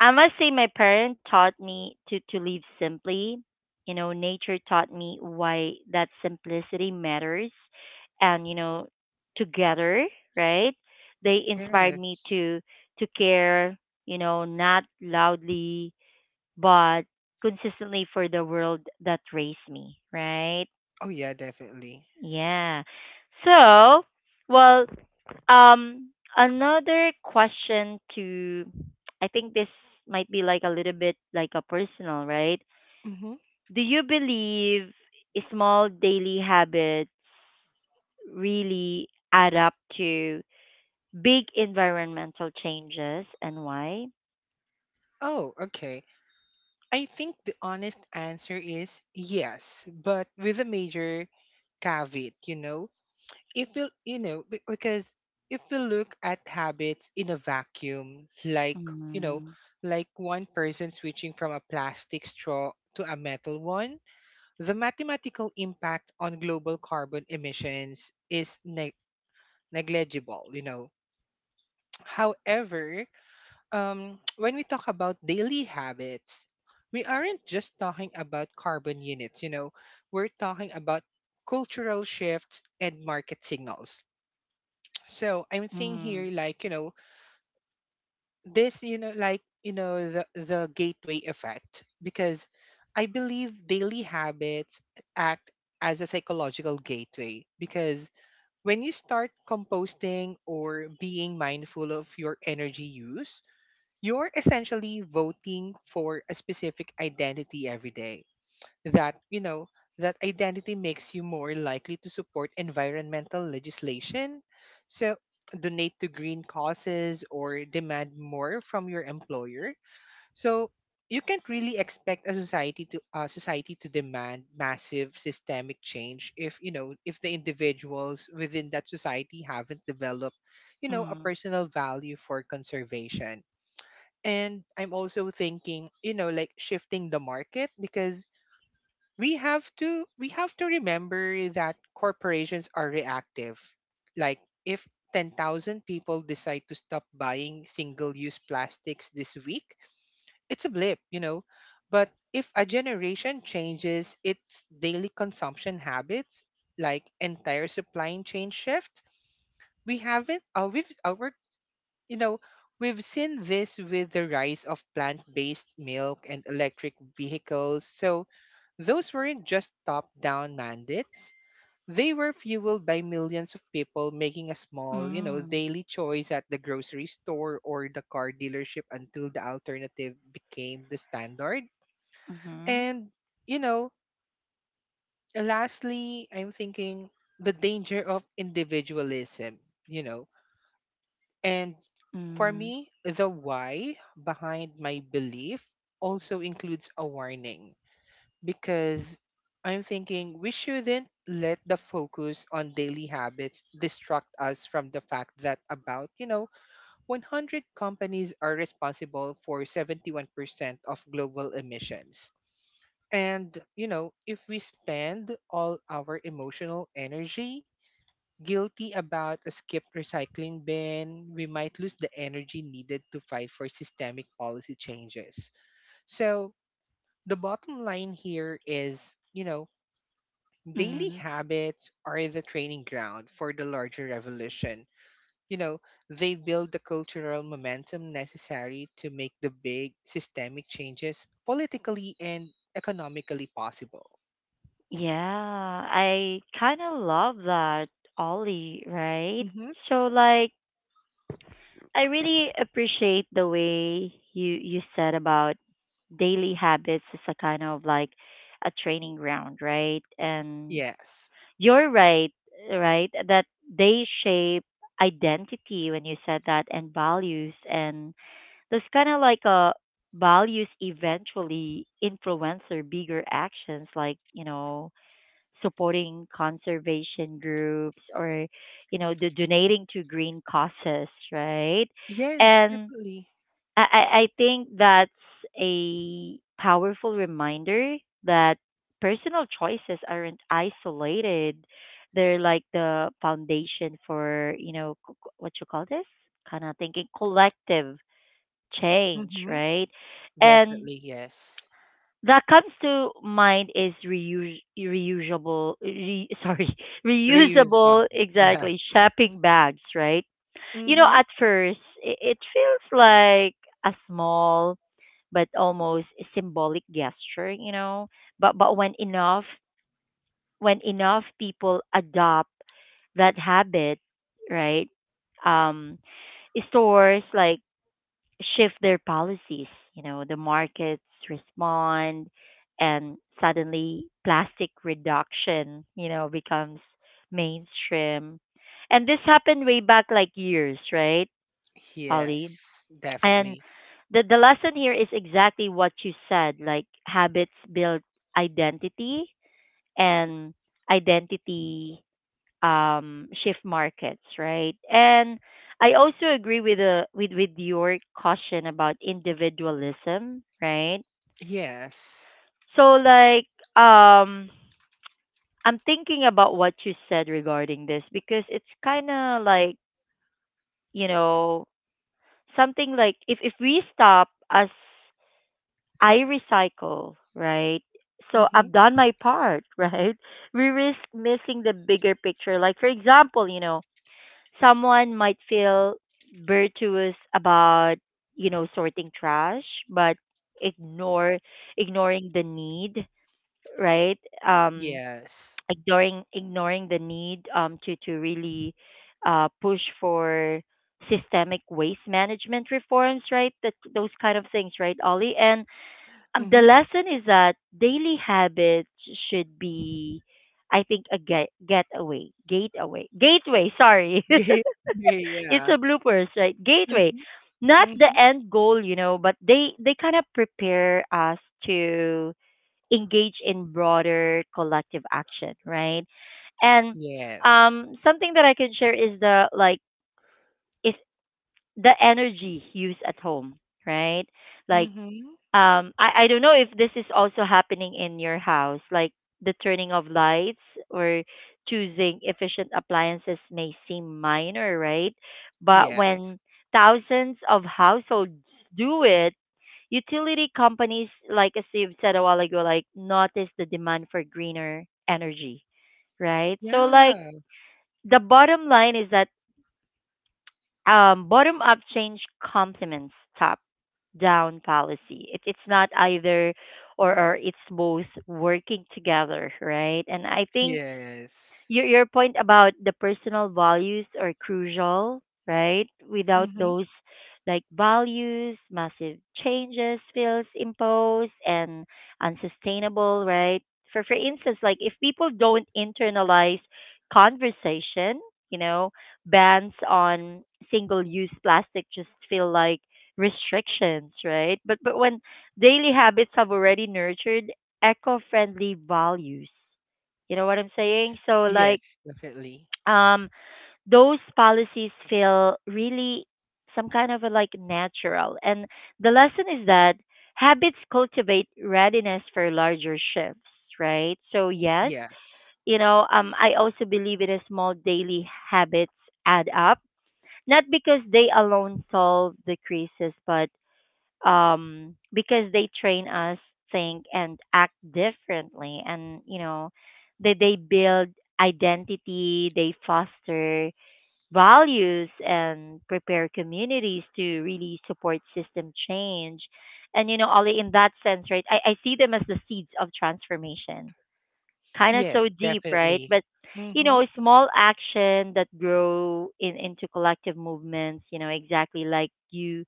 [SPEAKER 1] I must say my parents taught me to live simply. You know, nature taught me why that simplicity matters. And, you know, together, right? They inspired me
[SPEAKER 2] Yes.
[SPEAKER 1] to care, you know, not loudly but consistently for the world that raised me, right?
[SPEAKER 2] Oh, yeah, definitely.
[SPEAKER 1] Yeah. So, well, um, another question to, I think this might be like a little bit like a personal, right?
[SPEAKER 2] Hmm.
[SPEAKER 1] Do you believe small daily habits really add up to big environmental changes and why?
[SPEAKER 2] Oh, okay. I think the honest answer is yes, but with a major caveat, you know. If we, you know, be- because if we look at habits in a vacuum, like, you know,
[SPEAKER 1] Mm,
[SPEAKER 2] like one person switching from a plastic straw to a metal one, the mathematical impact on global carbon emissions is negligible, you know. However, when we talk about daily habits, we aren't just talking about carbon units, you know, we're talking about cultural shifts and market signals. So I'm seeing
[SPEAKER 1] mm,
[SPEAKER 2] here like, you know, this, you know, like, you know, the gateway effect, because I believe daily habits act as a psychological gateway. Because when you start composting or being mindful of your energy use, you're essentially voting for a specific identity every day, that you know that identity makes you more likely to support environmental legislation, so donate to green causes or demand more from your employer. So you can't really expect a society to demand massive systemic change if, you know, if the individuals within that society haven't developed, you know, a
[SPEAKER 1] mm,
[SPEAKER 2] personal value for conservation. And I'm also thinking, you know, like shifting the market, because we have to remember that corporations are reactive. Like, if 10,000 people decide to stop buying single use plastics this week, it's a blip, you know. But if a generation changes its daily consumption habits, like entire supply chain shift. We haven't we've, our You know, we've seen this with the rise of plant based milk and electric vehicles. So, those weren't just top down mandates. They were fueled by millions of people making a small,
[SPEAKER 1] mm,
[SPEAKER 2] daily choice at the grocery store or the car dealership until the alternative became the standard.
[SPEAKER 1] mhm,
[SPEAKER 2] And, you know, lastly, I'm thinking the danger of individualism, you know And for
[SPEAKER 1] mm,
[SPEAKER 2] me, the why behind my belief also includes a warning because I'm thinking we shouldn't let the focus on daily habits distract us from the fact that about, 100 companies are responsible for 71% of global emissions. And, if we spend all our emotional energy guilty about a skipped recycling bin, we might lose the energy needed to fight for systemic policy changes. So, the bottom line here is, daily
[SPEAKER 1] mm.
[SPEAKER 2] habits are the training ground for the larger revolution. You know, they build the cultural momentum necessary to make the big systemic changes politically and economically possible.
[SPEAKER 1] Yeah, I kind of love that, Ollie, right?
[SPEAKER 2] Hmm.
[SPEAKER 1] So, like, I really appreciate the way you said about daily habits as a kind of like a training ground, right? And
[SPEAKER 2] Yes.
[SPEAKER 1] you're right, right? That they shape identity when you said that, and values, and those kind of like a values eventually influence their bigger actions like, you know, supporting conservation groups or you know the donating to green causes, right?
[SPEAKER 2] Yes,
[SPEAKER 1] And
[SPEAKER 2] definitely.
[SPEAKER 1] I think that's a powerful reminder that personal choices aren't isolated, they're like the foundation for, you know, what you call this, kind of thinking collective change,
[SPEAKER 2] Hmm.
[SPEAKER 1] right? And
[SPEAKER 2] Definitely, yes.
[SPEAKER 1] that comes to mind is reuse, reusable, sorry,
[SPEAKER 2] Reuse.
[SPEAKER 1] reusable,
[SPEAKER 2] Yeah.
[SPEAKER 1] exactly, shopping bags, right? You know, at
[SPEAKER 2] Mm-hmm.
[SPEAKER 1] first, it feels like a small but almost symbolic gesture, you know, but when enough people adopt that habit, right? Um, stores like shift their policies. You know, the markets respond, and suddenly plastic reduction, you know, becomes mainstream. And this happened way back like years, right, Ollie?
[SPEAKER 2] Yes.
[SPEAKER 1] And
[SPEAKER 2] Definitely.
[SPEAKER 1] the lesson here is exactly what you said. Like habits build identity, and identity shift markets, right? And I also agree with the with your caution about individualism, right?
[SPEAKER 2] Yes.
[SPEAKER 1] So like I'm thinking about what you said regarding this because it's kind of like, you know, something like if we stop as, I recycle, right? So I've
[SPEAKER 2] Mm-hmm.
[SPEAKER 1] done my part, right? We risk missing the bigger picture. Like for example, you know, someone might feel virtuous about, you know, sorting trash but ignore ignoring the need, right? um
[SPEAKER 2] Yes.
[SPEAKER 1] ignoring the need to really push for systemic waste management reforms, right? That those kind of things, right, Ollie? And the
[SPEAKER 2] Mm-hmm.
[SPEAKER 1] lesson is that daily habits should be, I think, a gateway. Sorry,
[SPEAKER 2] Gay. Gay,
[SPEAKER 1] it's
[SPEAKER 2] yeah.
[SPEAKER 1] a bloopers, right? Gateway,
[SPEAKER 2] Mm-hmm.
[SPEAKER 1] not the
[SPEAKER 2] Mm-hmm.
[SPEAKER 1] end goal, you know, but they kind of prepare us to engage in broader collective action, right? And
[SPEAKER 2] Yes.
[SPEAKER 1] something that I can share is the like is the energy used at home, right? Like
[SPEAKER 2] Mm-hmm.
[SPEAKER 1] I don't know if this is also happening in your house, like the turning of lights or choosing efficient appliances may seem minor, right? But when
[SPEAKER 2] Yes.
[SPEAKER 1] thousands of households do it, utility companies, like as you've said a while ago, like notice the demand for greener energy, right? So like
[SPEAKER 2] Yeah.
[SPEAKER 1] the bottom line is that bottom up change complements top down policy. It's not either or it's both working together, right? And I think
[SPEAKER 2] Yes.
[SPEAKER 1] your point about the personal values are crucial, right? Without
[SPEAKER 2] Mm-hmm.
[SPEAKER 1] those like values, massive changes feels imposed and unsustainable, right? For instance, like if people don't internalize conversation, you know, bans on single use plastic just feel like restrictions, right? But when daily habits have already nurtured eco friendly values. You know what I'm saying? So like
[SPEAKER 2] Yes. Definitely.
[SPEAKER 1] um, those policies feel really some kind of a, like natural. And the lesson is that habits cultivate readiness for larger shifts, right? So yes,
[SPEAKER 2] Yes.
[SPEAKER 1] you know, I also believe it is small daily habits add up, not because they alone solve the crisis, but because they train us think and act differently, and you know, they build identity, they foster values and prepare communities to really support system change. And you know, Ollie, in that sense, right, I see them as the seeds of transformation. Kind of
[SPEAKER 2] Yes.
[SPEAKER 1] so deep, right?
[SPEAKER 2] Definitely.
[SPEAKER 1] But you
[SPEAKER 2] Mm-hmm.
[SPEAKER 1] know, small action that grow in into collective movements, you know, exactly like you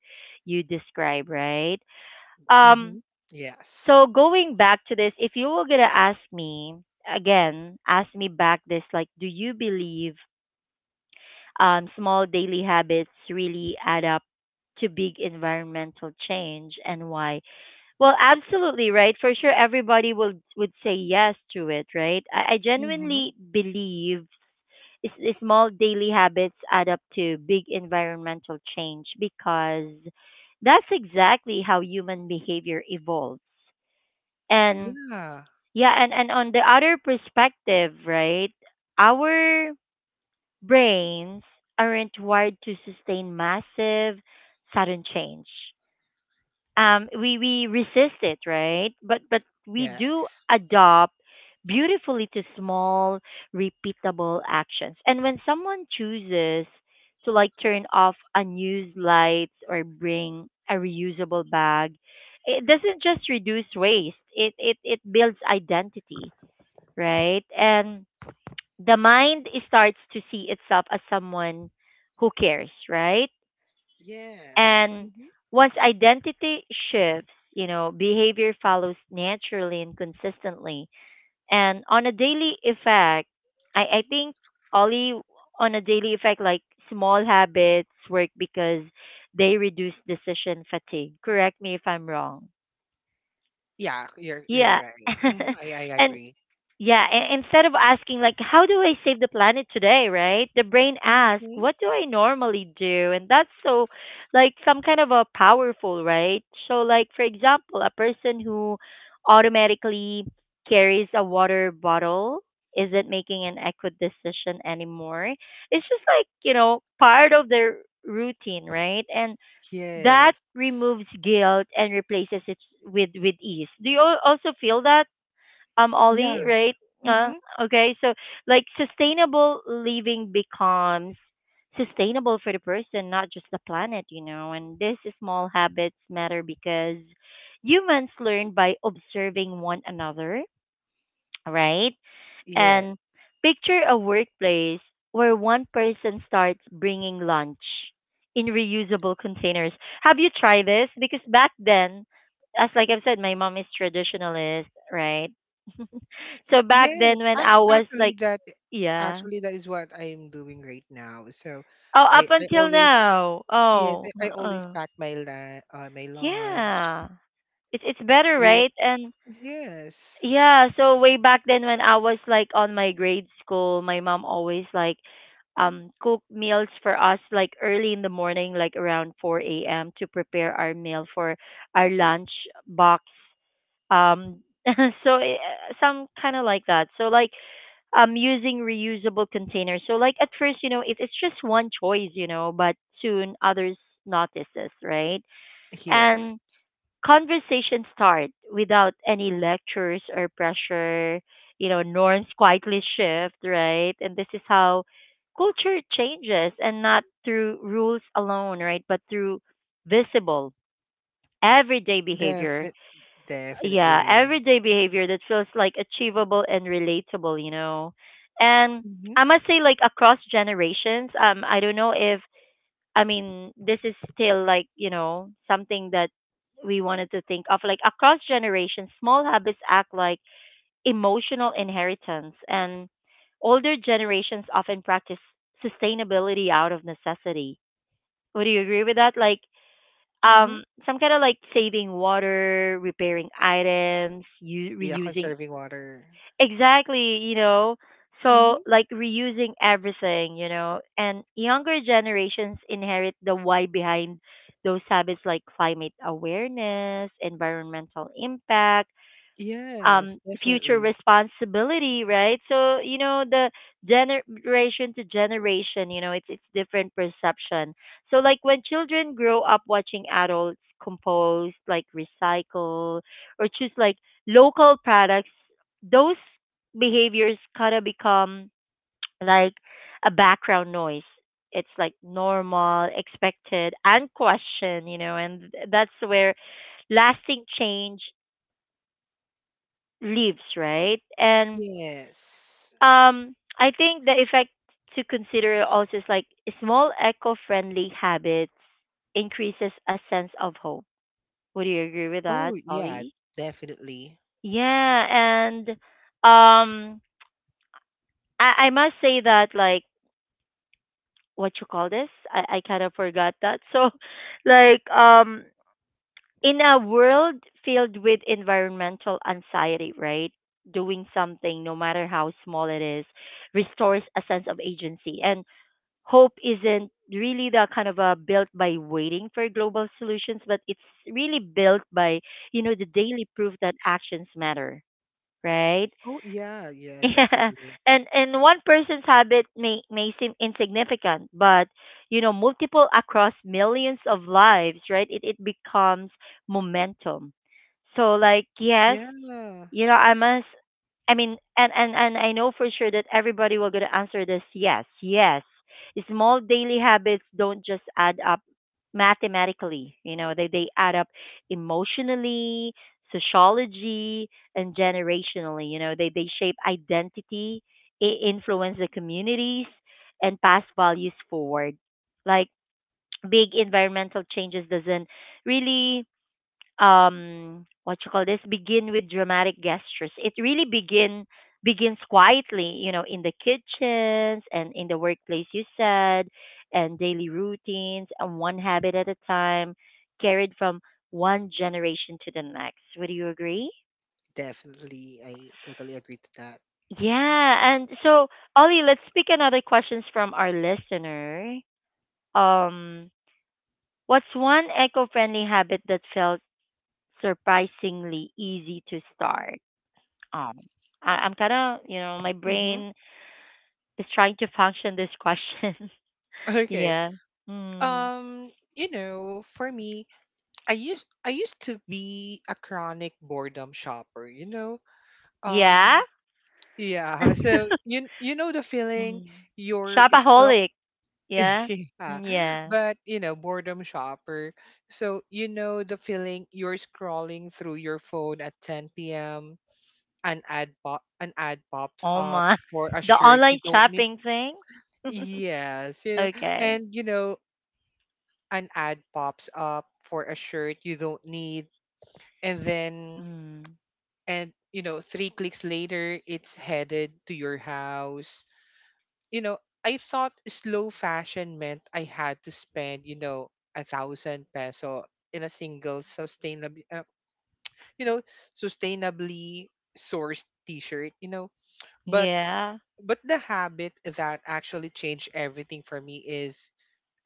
[SPEAKER 1] you describe, right? Um,
[SPEAKER 2] Mm-hmm.
[SPEAKER 1] so
[SPEAKER 2] Yes.
[SPEAKER 1] going back to this, if you were gonna ask me again, ask me back this, like, do you believe small daily habits really add up to big environmental change and why? Well, absolutely, right? For sure, everybody would say yes to it, right? I
[SPEAKER 2] Mm-hmm.
[SPEAKER 1] genuinely believe small daily habits add up to big environmental change because that's exactly how human behavior evolves. And
[SPEAKER 2] Yeah.
[SPEAKER 1] yeah, and on the other perspective, right? Our brains aren't wired to sustain massive, sudden change. We resist it, right? But we do
[SPEAKER 2] Yes.
[SPEAKER 1] adopt beautifully to small, repeatable actions. And when someone chooses to like turn off unused lights or bring a reusable bag, it doesn't just reduce waste. It builds identity, right? And the mind starts to see itself as someone who cares, right?
[SPEAKER 2] Yes.
[SPEAKER 1] And
[SPEAKER 2] Mm-hmm.
[SPEAKER 1] once identity shifts, you know, behavior follows naturally and consistently. And on a daily effect, I think only on a daily effect, like small habits work because they reduce decision fatigue. Correct me if I'm wrong.
[SPEAKER 2] Yeah, you're
[SPEAKER 1] Yeah.
[SPEAKER 2] right. Hmm. I
[SPEAKER 1] and
[SPEAKER 2] agree.
[SPEAKER 1] yeah, instead of asking like how do I save the planet today, right? The brain asks,
[SPEAKER 2] Hmm.
[SPEAKER 1] what do I normally do? And that's so like some kind of a powerful, right? So like for example, a person who automatically carries a water bottle isn't making an eco decision anymore. It's just like, you know, part of their routine, right? And that
[SPEAKER 2] Yes.
[SPEAKER 1] removes guilt and replaces it with ease. Do you also feel that? Ollie,
[SPEAKER 2] Yeah.
[SPEAKER 1] right? Uh,
[SPEAKER 2] Hmm.
[SPEAKER 1] okay, so like sustainable living becomes sustainable for the person, not just the planet, you know. And these small habits matter because humans learn by observing one another, right?
[SPEAKER 2] Yeah.
[SPEAKER 1] And picture a workplace where one person starts bringing lunch in reusable containers. Have you tried this? Because back then, as like I've said, my mom is traditionalist, right? So back then
[SPEAKER 2] Yes.
[SPEAKER 1] when I
[SPEAKER 2] Actually,
[SPEAKER 1] was
[SPEAKER 2] actually,
[SPEAKER 1] like,
[SPEAKER 2] that
[SPEAKER 1] yeah.
[SPEAKER 2] actually that is what I'm doing right now. So,
[SPEAKER 1] Oh, up
[SPEAKER 2] I
[SPEAKER 1] until
[SPEAKER 2] always,
[SPEAKER 1] now.
[SPEAKER 2] yes,
[SPEAKER 1] Oh,
[SPEAKER 2] I always
[SPEAKER 1] uh-uh.
[SPEAKER 2] pack my lunch
[SPEAKER 1] Yeah. It's better,
[SPEAKER 2] with,
[SPEAKER 1] right? And
[SPEAKER 2] yes,
[SPEAKER 1] yeah, so way back then when I was like on my grade school, my mom always like cook meals for us like early in the morning, like around 4 a.m. to prepare our meal for our lunch box. Um so some kind of like that. So like using reusable containers. So like at first, you know, it's just one choice, you know, but soon others notices, right?
[SPEAKER 2] yes,
[SPEAKER 1] And conversations start without any lectures or pressure, you know, norms quietly shift, right? And this is how culture changes and not through rules alone, right? But through visible everyday behavior.
[SPEAKER 2] defi
[SPEAKER 1] Yeah,
[SPEAKER 2] definitely.
[SPEAKER 1] everyday behavior that feels like achievable and relatable, you know. And
[SPEAKER 2] Hmm.
[SPEAKER 1] I must say, like across generations, I don't know if I mean this is still like you know something that we wanted to think of, like across generations, small habits act like emotional inheritance, and older generations often practice sustainability out of necessity. Would you agree with that? Like
[SPEAKER 2] Hmm.
[SPEAKER 1] some kind of like saving water, repairing items,
[SPEAKER 2] Yeah,
[SPEAKER 1] reusing.
[SPEAKER 2] conserving water.
[SPEAKER 1] Exactly, you know. So
[SPEAKER 2] Hmm.
[SPEAKER 1] like reusing everything, you know. And younger generations inherit the why behind those habits like climate awareness, environmental impact,
[SPEAKER 2] Yes,
[SPEAKER 1] future
[SPEAKER 2] definitely.
[SPEAKER 1] responsibility, right? So you know the generation to generation, you know, it's different perception. So like when children grow up watching adults compost, like recycle or choose like local products, those behaviors kind of become like a background noise. It's like normal, expected and questioned, you know. And that's where lasting change lives, right? And
[SPEAKER 2] Yes.
[SPEAKER 1] I think the effect to consider also is like small eco-friendly habits increases a sense of hope. Would you agree with that,
[SPEAKER 2] Oh yeah,
[SPEAKER 1] Ollie?
[SPEAKER 2] definitely.
[SPEAKER 1] Yeah, and um, I must say that like what you call this, I kind of forgot that. So, like in a world filled with environmental anxiety, right? Doing something, no matter how small it is, restores a sense of agency. And hope isn't really the kind of built by waiting for global solutions, but it's really built by you know the daily proof that actions matter, right?
[SPEAKER 2] Oh yeah, yeah,
[SPEAKER 1] Yeah.
[SPEAKER 2] definitely.
[SPEAKER 1] And one person's habit may seem insignificant, but you know multiple across millions of lives, right? It becomes momentum. So like yes.
[SPEAKER 2] Yeah,
[SPEAKER 1] You know, I must. I mean, and I know for sure that everybody will gonna answer this. Yes, yes. Small daily habits don't just add up mathematically. You know, they add up emotionally, sociology, and generationally. You know, they shape identity, influence the communities, and pass values forward. Like big environmental changes doesn't really what you call this begin with dramatic gestures. It really begins quietly, you know, in the kitchens and in the workplace, you said, and daily routines, and one habit at a time, carried from one generation to the next. Would you agree?
[SPEAKER 2] definitely. I totally agree to that.
[SPEAKER 1] Yeah, and so Ollie, let's pick another questions from our listener. um what's one eco-friendly habit that felt surprisingly easy to start? Um, I'm kind of, you know, my
[SPEAKER 2] Mm-hmm.
[SPEAKER 1] brain is trying to function this question.
[SPEAKER 2] Okay.
[SPEAKER 1] Yeah. Mm.
[SPEAKER 2] For me, I used to be a chronic boredom shopper.
[SPEAKER 1] Yeah.
[SPEAKER 2] Um, yeah. So you know the feeling
[SPEAKER 1] Mm.
[SPEAKER 2] you're scroll.
[SPEAKER 1] Shopaholic. Yeah.
[SPEAKER 2] Yeah.
[SPEAKER 1] Mm, yeah.
[SPEAKER 2] But boredom shopper. So you know the feeling you're scrolling through your phone at 10 p.m., an ad pops
[SPEAKER 1] Oh
[SPEAKER 2] up
[SPEAKER 1] my.
[SPEAKER 2] for a
[SPEAKER 1] The
[SPEAKER 2] shirt you
[SPEAKER 1] online
[SPEAKER 2] don't need.
[SPEAKER 1] shopping thing?
[SPEAKER 2] Yes, yeah.
[SPEAKER 1] Okay.
[SPEAKER 2] And an ad pops up for a shirt you don't need, and then,
[SPEAKER 1] Mm.
[SPEAKER 2] and you know three clicks later it's headed to your house you know I thought slow fashion meant I had to spend, 1,000 peso in a single, sustainably, you know sustainably sourced t-shirt. but
[SPEAKER 1] Yeah.
[SPEAKER 2] But the habit that actually changed everything for me is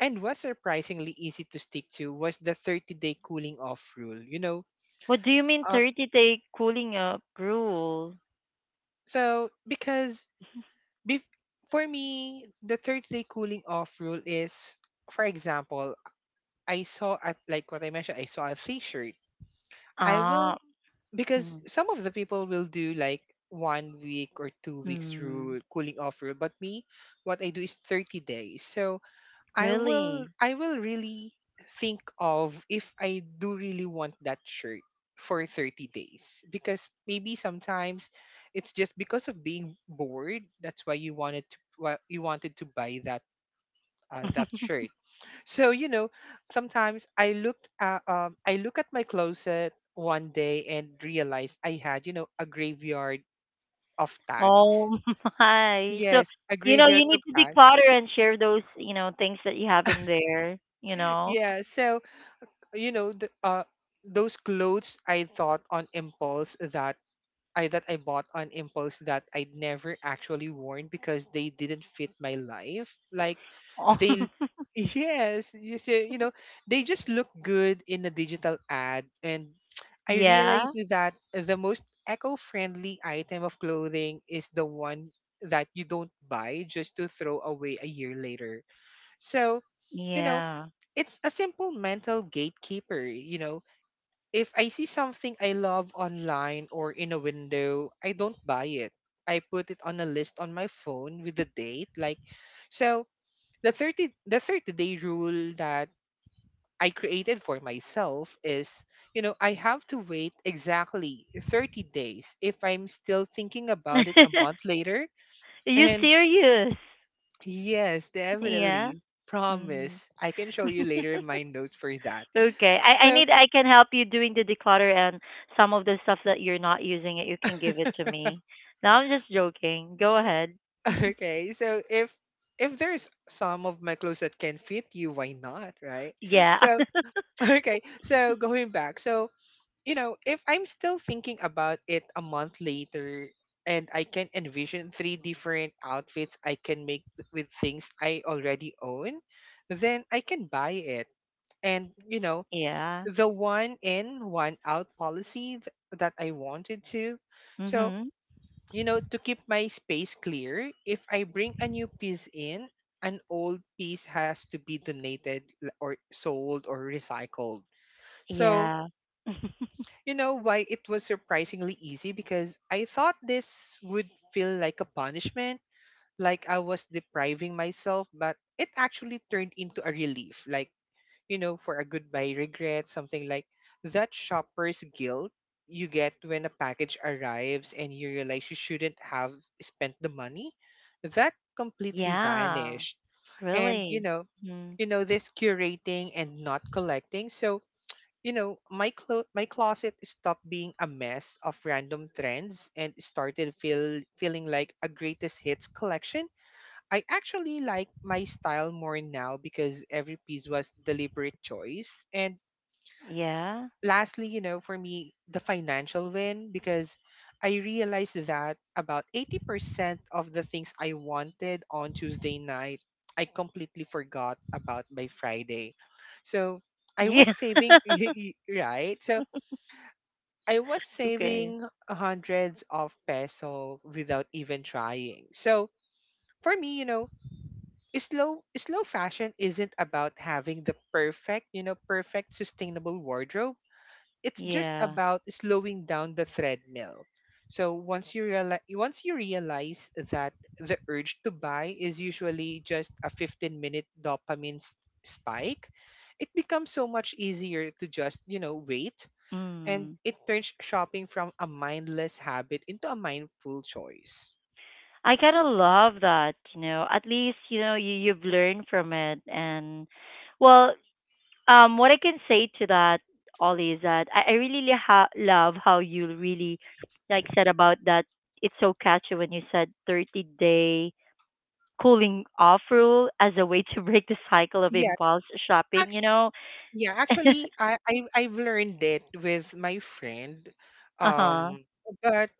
[SPEAKER 2] and was surprisingly easy to stick to, was the 30-day cooling off rule, you know?
[SPEAKER 1] What do you mean
[SPEAKER 2] Uh,
[SPEAKER 1] 30-day cooling up rule?
[SPEAKER 2] so, because, bef- for me, the 30-day cooling off rule is, for example, like what I mentioned, I saw a t shirt. I will,
[SPEAKER 1] Ah.
[SPEAKER 2] because
[SPEAKER 1] Mm.
[SPEAKER 2] some of the people will do like one week or 2 weeks
[SPEAKER 1] Mm.
[SPEAKER 2] rule, cooling off rule, but me, what I do is 30 days. So, I will
[SPEAKER 1] Really?
[SPEAKER 2] I will really think of if I do really want that shirt for 30 days, because maybe sometimes it's just because of being bored. That's why you wanted to, buy that, that shirt. So, sometimes I look at my closet one day and realized I had, a graveyard of tags.
[SPEAKER 1] Oh, my. So,
[SPEAKER 2] Yes, a
[SPEAKER 1] you know,
[SPEAKER 2] graveyard
[SPEAKER 1] you need
[SPEAKER 2] of
[SPEAKER 1] to
[SPEAKER 2] tags.
[SPEAKER 1] declutter and share those, you know, things that you have in there, you know.
[SPEAKER 2] Yeah, so, you know the, uh those clothes I thought on impulse that I bought on impulse, that I never actually worn, because they didn't fit my life, like
[SPEAKER 1] Oh,
[SPEAKER 2] they. Yes, you see, they just look good in a digital ad. And I
[SPEAKER 1] yeah.
[SPEAKER 2] realized that the most eco-friendly item of clothing is the one that you don't buy just to throw away a year later. So, you know
[SPEAKER 1] Yeah.
[SPEAKER 2] it's a simple mental gatekeeper. If I see something I love online or in a window, I don't buy it. I put it on a list on my phone with the date. Like, so the 30, the 30-day rule that I created for myself is, I have to wait exactly 30 days. If I'm still thinking about it
[SPEAKER 1] Are
[SPEAKER 2] a month later.
[SPEAKER 1] you
[SPEAKER 2] And
[SPEAKER 1] serious?
[SPEAKER 2] yes,
[SPEAKER 1] Yeah.
[SPEAKER 2] definitely
[SPEAKER 1] Mm.
[SPEAKER 2] promise. I can show you later my notes for that.
[SPEAKER 1] Okay. I
[SPEAKER 2] So
[SPEAKER 1] need I can help you doing the declutter, and some of the stuff that you're not using it, you can give it to me. No, I'm just joking. Go ahead.
[SPEAKER 2] Okay, so if there's some of my clothes that can fit you, why not, right?
[SPEAKER 1] Yeah.
[SPEAKER 2] So okay, so going back, so, if I'm still thinking about it a month later and I can envision three different outfits I can make with things I already own, then I can buy it. And you know,
[SPEAKER 1] Yeah.
[SPEAKER 2] the one in, one out policy, that I wanted to. So,
[SPEAKER 1] Mhm.
[SPEAKER 2] to keep my space clear, if I bring a new piece in, an old piece has to be donated, or sold or recycled. So,
[SPEAKER 1] Yeah.
[SPEAKER 2] you know why it was surprisingly easy, because I thought this would feel like a punishment, like I was depriving myself, but it actually turned into a relief. Like, for a goodbye regret, something like that shopper's guilt you get when a package arrives and you realize you shouldn't have spent the money. That completely
[SPEAKER 1] Yeah.
[SPEAKER 2] vanished. And you
[SPEAKER 1] Really.
[SPEAKER 2] know,
[SPEAKER 1] Mhm.
[SPEAKER 2] you know, this curating and not collecting. So, my closet stopped being a mess of random trends and started feeling like a greatest hits collection. I actually like my style more now because every piece was deliberate choice. And
[SPEAKER 1] Yeah.
[SPEAKER 2] lastly, for me, the financial win, because I realized that about 80% of the things I wanted on Tuesday night, I completely forgot about by Friday. So I was
[SPEAKER 1] Yeah.
[SPEAKER 2] saving, right? So I was
[SPEAKER 1] Okay.
[SPEAKER 2] saving hundreds of peso without even trying. So for me, slow fashion isn't about having the perfect, sustainable wardrobe. It's just
[SPEAKER 1] Yeah.
[SPEAKER 2] about slowing down the treadmill. So once you realize that the urge to buy is usually just a 15-minute dopamine spike, it becomes so much easier to just, wait. And
[SPEAKER 1] Mm.
[SPEAKER 2] it turns shopping from a mindless habit into a mindful choice.
[SPEAKER 1] I kind of love that, you know. At least, you know, you you've learned from it. And well, what I can say to that, Ollie, is that I really love how you really like said about that. It's so catchy when you said 30-day cooling off rule as a way to break the cycle of
[SPEAKER 2] Yeah.
[SPEAKER 1] impulse shopping, you know.
[SPEAKER 2] Yeah, actually, I've learned it with my friend,
[SPEAKER 1] Uh-huh.
[SPEAKER 2] um, but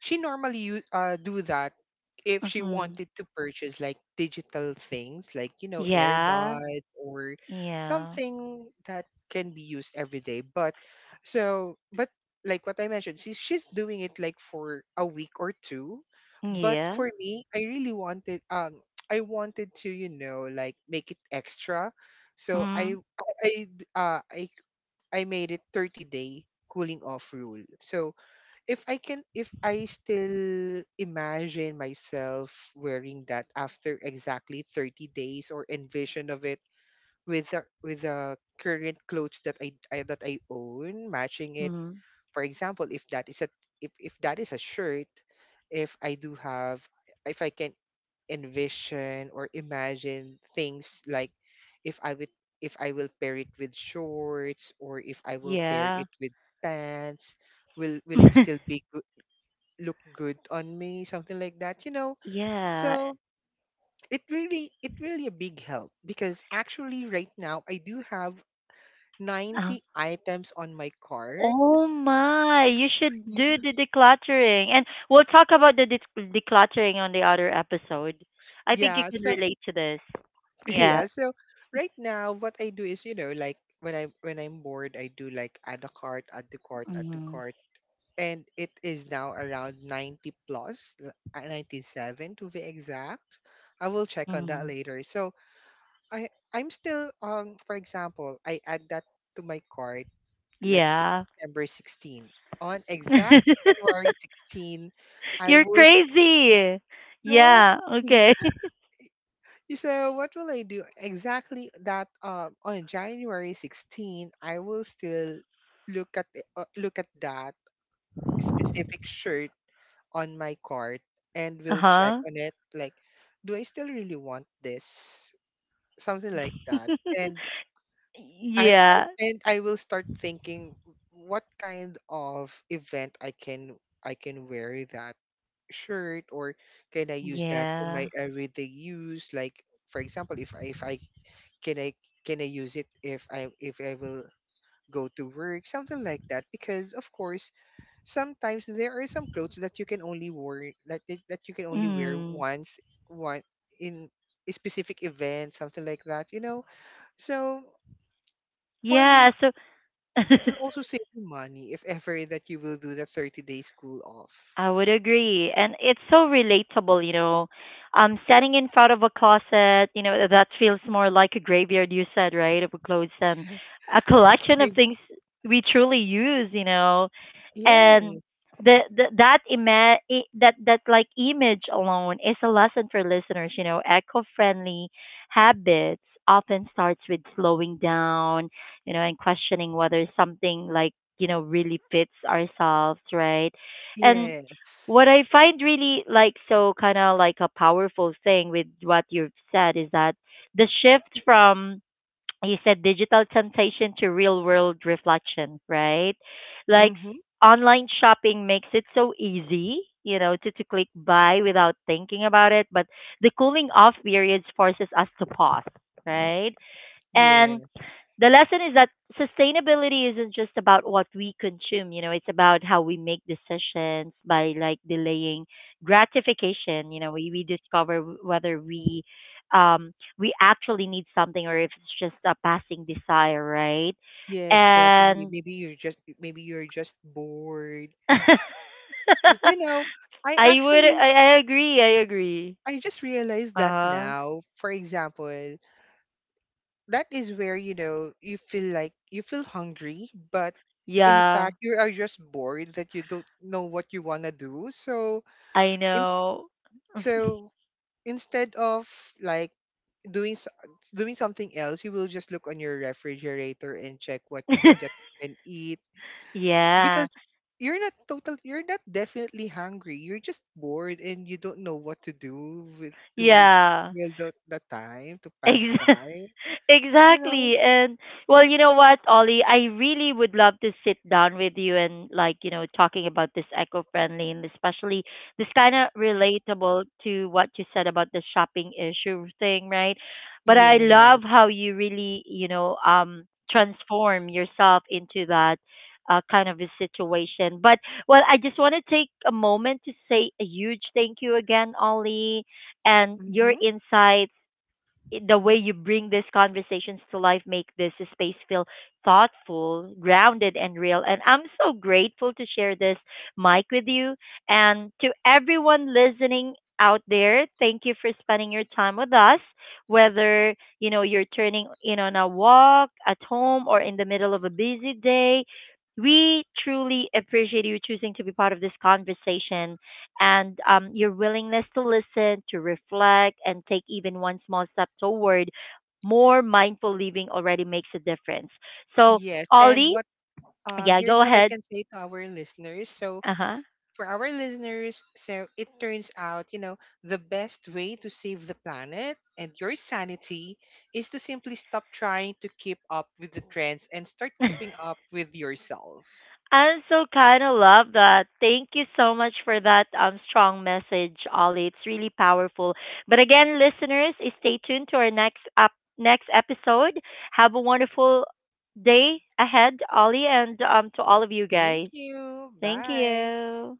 [SPEAKER 2] she normally, do that if she
[SPEAKER 1] Mhm.
[SPEAKER 2] wanted to purchase, like, digital things like,
[SPEAKER 1] Yeah.
[SPEAKER 2] AirPods or
[SPEAKER 1] Yeah.
[SPEAKER 2] something that can be used every day, but like what I mentioned, she's doing it like for a week or two. But
[SPEAKER 1] Yeah.
[SPEAKER 2] for me, I really wanted, I wanted to, make it extra. So
[SPEAKER 1] Mm.
[SPEAKER 2] i i, d- uh, I, I made it 30-day cooling off rule. So if I still imagine myself wearing that after exactly 30 days, or envision of it with the current clothes that I own, matching it.
[SPEAKER 1] Mm.
[SPEAKER 2] For example, if that is a shirt, if I do have, if I can envision or imagine things like, if I would if I will pair it with shorts or if I will pair
[SPEAKER 1] Yeah.
[SPEAKER 2] it with pants, will it still be, look good on me, something like that.
[SPEAKER 1] Yeah.
[SPEAKER 2] So it really a big help, because actually right now I do have
[SPEAKER 1] Um,
[SPEAKER 2] 90 items on my cart.
[SPEAKER 1] oh my, you should
[SPEAKER 2] Y-
[SPEAKER 1] do the decluttering. And we'll talk about the decluttering on the other episode. I think you
[SPEAKER 2] yeah,
[SPEAKER 1] can
[SPEAKER 2] so
[SPEAKER 1] relate to this. Yeah.
[SPEAKER 2] yeah, so right now what I do is, like, when I'm bored, I do like, add a cart, add the cart, add the
[SPEAKER 1] Hmm.
[SPEAKER 2] cart. And it is now around 90 plus, 97 to be exact. I will check on that
[SPEAKER 1] Hmm.
[SPEAKER 2] later. So, I'm still, for example, I add that to my cart, let's say
[SPEAKER 1] Yeah.
[SPEAKER 2] December 16. On exact January 16, I
[SPEAKER 1] You're
[SPEAKER 2] will,
[SPEAKER 1] crazy.
[SPEAKER 2] no.
[SPEAKER 1] Yeah. Okay.
[SPEAKER 2] So what will I do? Exactly that, on January 16, I will still look at that specific shirt on my cart, and will check
[SPEAKER 1] Uh-huh.
[SPEAKER 2] on it, like, do I still really want this? Something like that. And I
[SPEAKER 1] Yeah.
[SPEAKER 2] and I will start thinking what kind of event I can wear that shirt, or can I use that in my
[SPEAKER 1] Yeah.
[SPEAKER 2] everyday use? Like, for example, if can I I use it, if I will go to work, something like that. Because, of course, sometimes there are some clothes that you can only wear, that you can only wear
[SPEAKER 1] Mm.
[SPEAKER 2] once, one, in a specific event, something like that, you know. So for me,
[SPEAKER 1] Yeah. So
[SPEAKER 2] it will also save you money if ever that you will do the 30-day school off.
[SPEAKER 1] I would agree. And it's so relatable, you know. Standing in front of a closet, you know, that feels more like a graveyard, you said, right? Of clothes and a
[SPEAKER 2] Yeah.
[SPEAKER 1] collection of
[SPEAKER 2] give-
[SPEAKER 1] things we truly use, you know.
[SPEAKER 2] Yeah.
[SPEAKER 1] And the that that that like image alone is a lesson for listeners, you know. Eco-friendly habits often starts with slowing down, you know, and questioning whether something like, you know, really fits ourselves, right? And
[SPEAKER 2] Yes.
[SPEAKER 1] what I find really like so kind of like a powerful thing with what you've said is that the shift from, you said, digital temptation to real world reflection, right? Like
[SPEAKER 2] Mm-hmm.
[SPEAKER 1] online shopping makes it so easy, you know, to click buy without thinking about it. But the cooling off periods forces us to pause, right? And
[SPEAKER 2] Yeah.
[SPEAKER 1] the lesson is that sustainability isn't just about what we consume, you know. It's about how we make decisions by like delaying gratification, you know. We discover whether um we actually need something or if it's just a passing desire, right?
[SPEAKER 2] Yes, definitely.
[SPEAKER 1] And
[SPEAKER 2] Maybe you're just, bored. You know, I
[SPEAKER 1] i would
[SPEAKER 2] actually
[SPEAKER 1] i, I agree i agree
[SPEAKER 2] I just realized that
[SPEAKER 1] Uh-huh.
[SPEAKER 2] now. For example, that is where, you feel like you feel hungry, but in
[SPEAKER 1] Yeah.
[SPEAKER 2] fact you are just bored that you don't know what you wanna do. So,
[SPEAKER 1] I
[SPEAKER 2] in,
[SPEAKER 1] know.
[SPEAKER 2] so instead of, like, doing s- doing something else, you will just look on your refrigerator and check what food that you can eat,
[SPEAKER 1] Yeah,
[SPEAKER 2] because you're not definitely hungry. You're just bored and you don't know what to do, with to
[SPEAKER 1] yeah.
[SPEAKER 2] fill the time to pass
[SPEAKER 1] Ex-
[SPEAKER 2] by. You know?
[SPEAKER 1] Exactly. And well, you know what, Ollie, I really would love to sit down with you and like, you know, talking about this eco-friendly and especially this kind of relatable to what you said about the shopping issue thing, right? But I
[SPEAKER 2] Yes.
[SPEAKER 1] love how you really, you know, transform yourself into that kind of a situation. But well, I just want to take a moment to say a huge thank you again, Ollie, and your
[SPEAKER 2] Mm-hmm.
[SPEAKER 1] insights. The way you bring these conversations to life make this space feel thoughtful, grounded, and real. And I'm so grateful to share this mic with you. And to everyone listening out there, thank you for spending your time with us. Whether you know you're turning in on a walk, at home, or in the middle of a busy day, we truly appreciate you choosing to be part of this conversation and your willingness to listen, to reflect, and take even one small step toward more mindful living already makes a difference. So,
[SPEAKER 2] Yes. And
[SPEAKER 1] Ollie,
[SPEAKER 2] what
[SPEAKER 1] yeah,
[SPEAKER 2] here's
[SPEAKER 1] go
[SPEAKER 2] what I
[SPEAKER 1] ahead.
[SPEAKER 2] can say to our listeners. So
[SPEAKER 1] Uh huh.
[SPEAKER 2] for our listeners, so it turns out, the best way to save the planet and your sanity is to simply stop trying to keep up with the trends and start keeping up with yourself.
[SPEAKER 1] I so kind of love that. Thank you so much for that strong message, Ollie. It's really powerful. But again, listeners, stay tuned to our next episode. Have a wonderful day ahead, Ollie, and to all of you
[SPEAKER 2] Thank
[SPEAKER 1] guys.
[SPEAKER 2] you.
[SPEAKER 1] Thank
[SPEAKER 2] Bye.
[SPEAKER 1] you.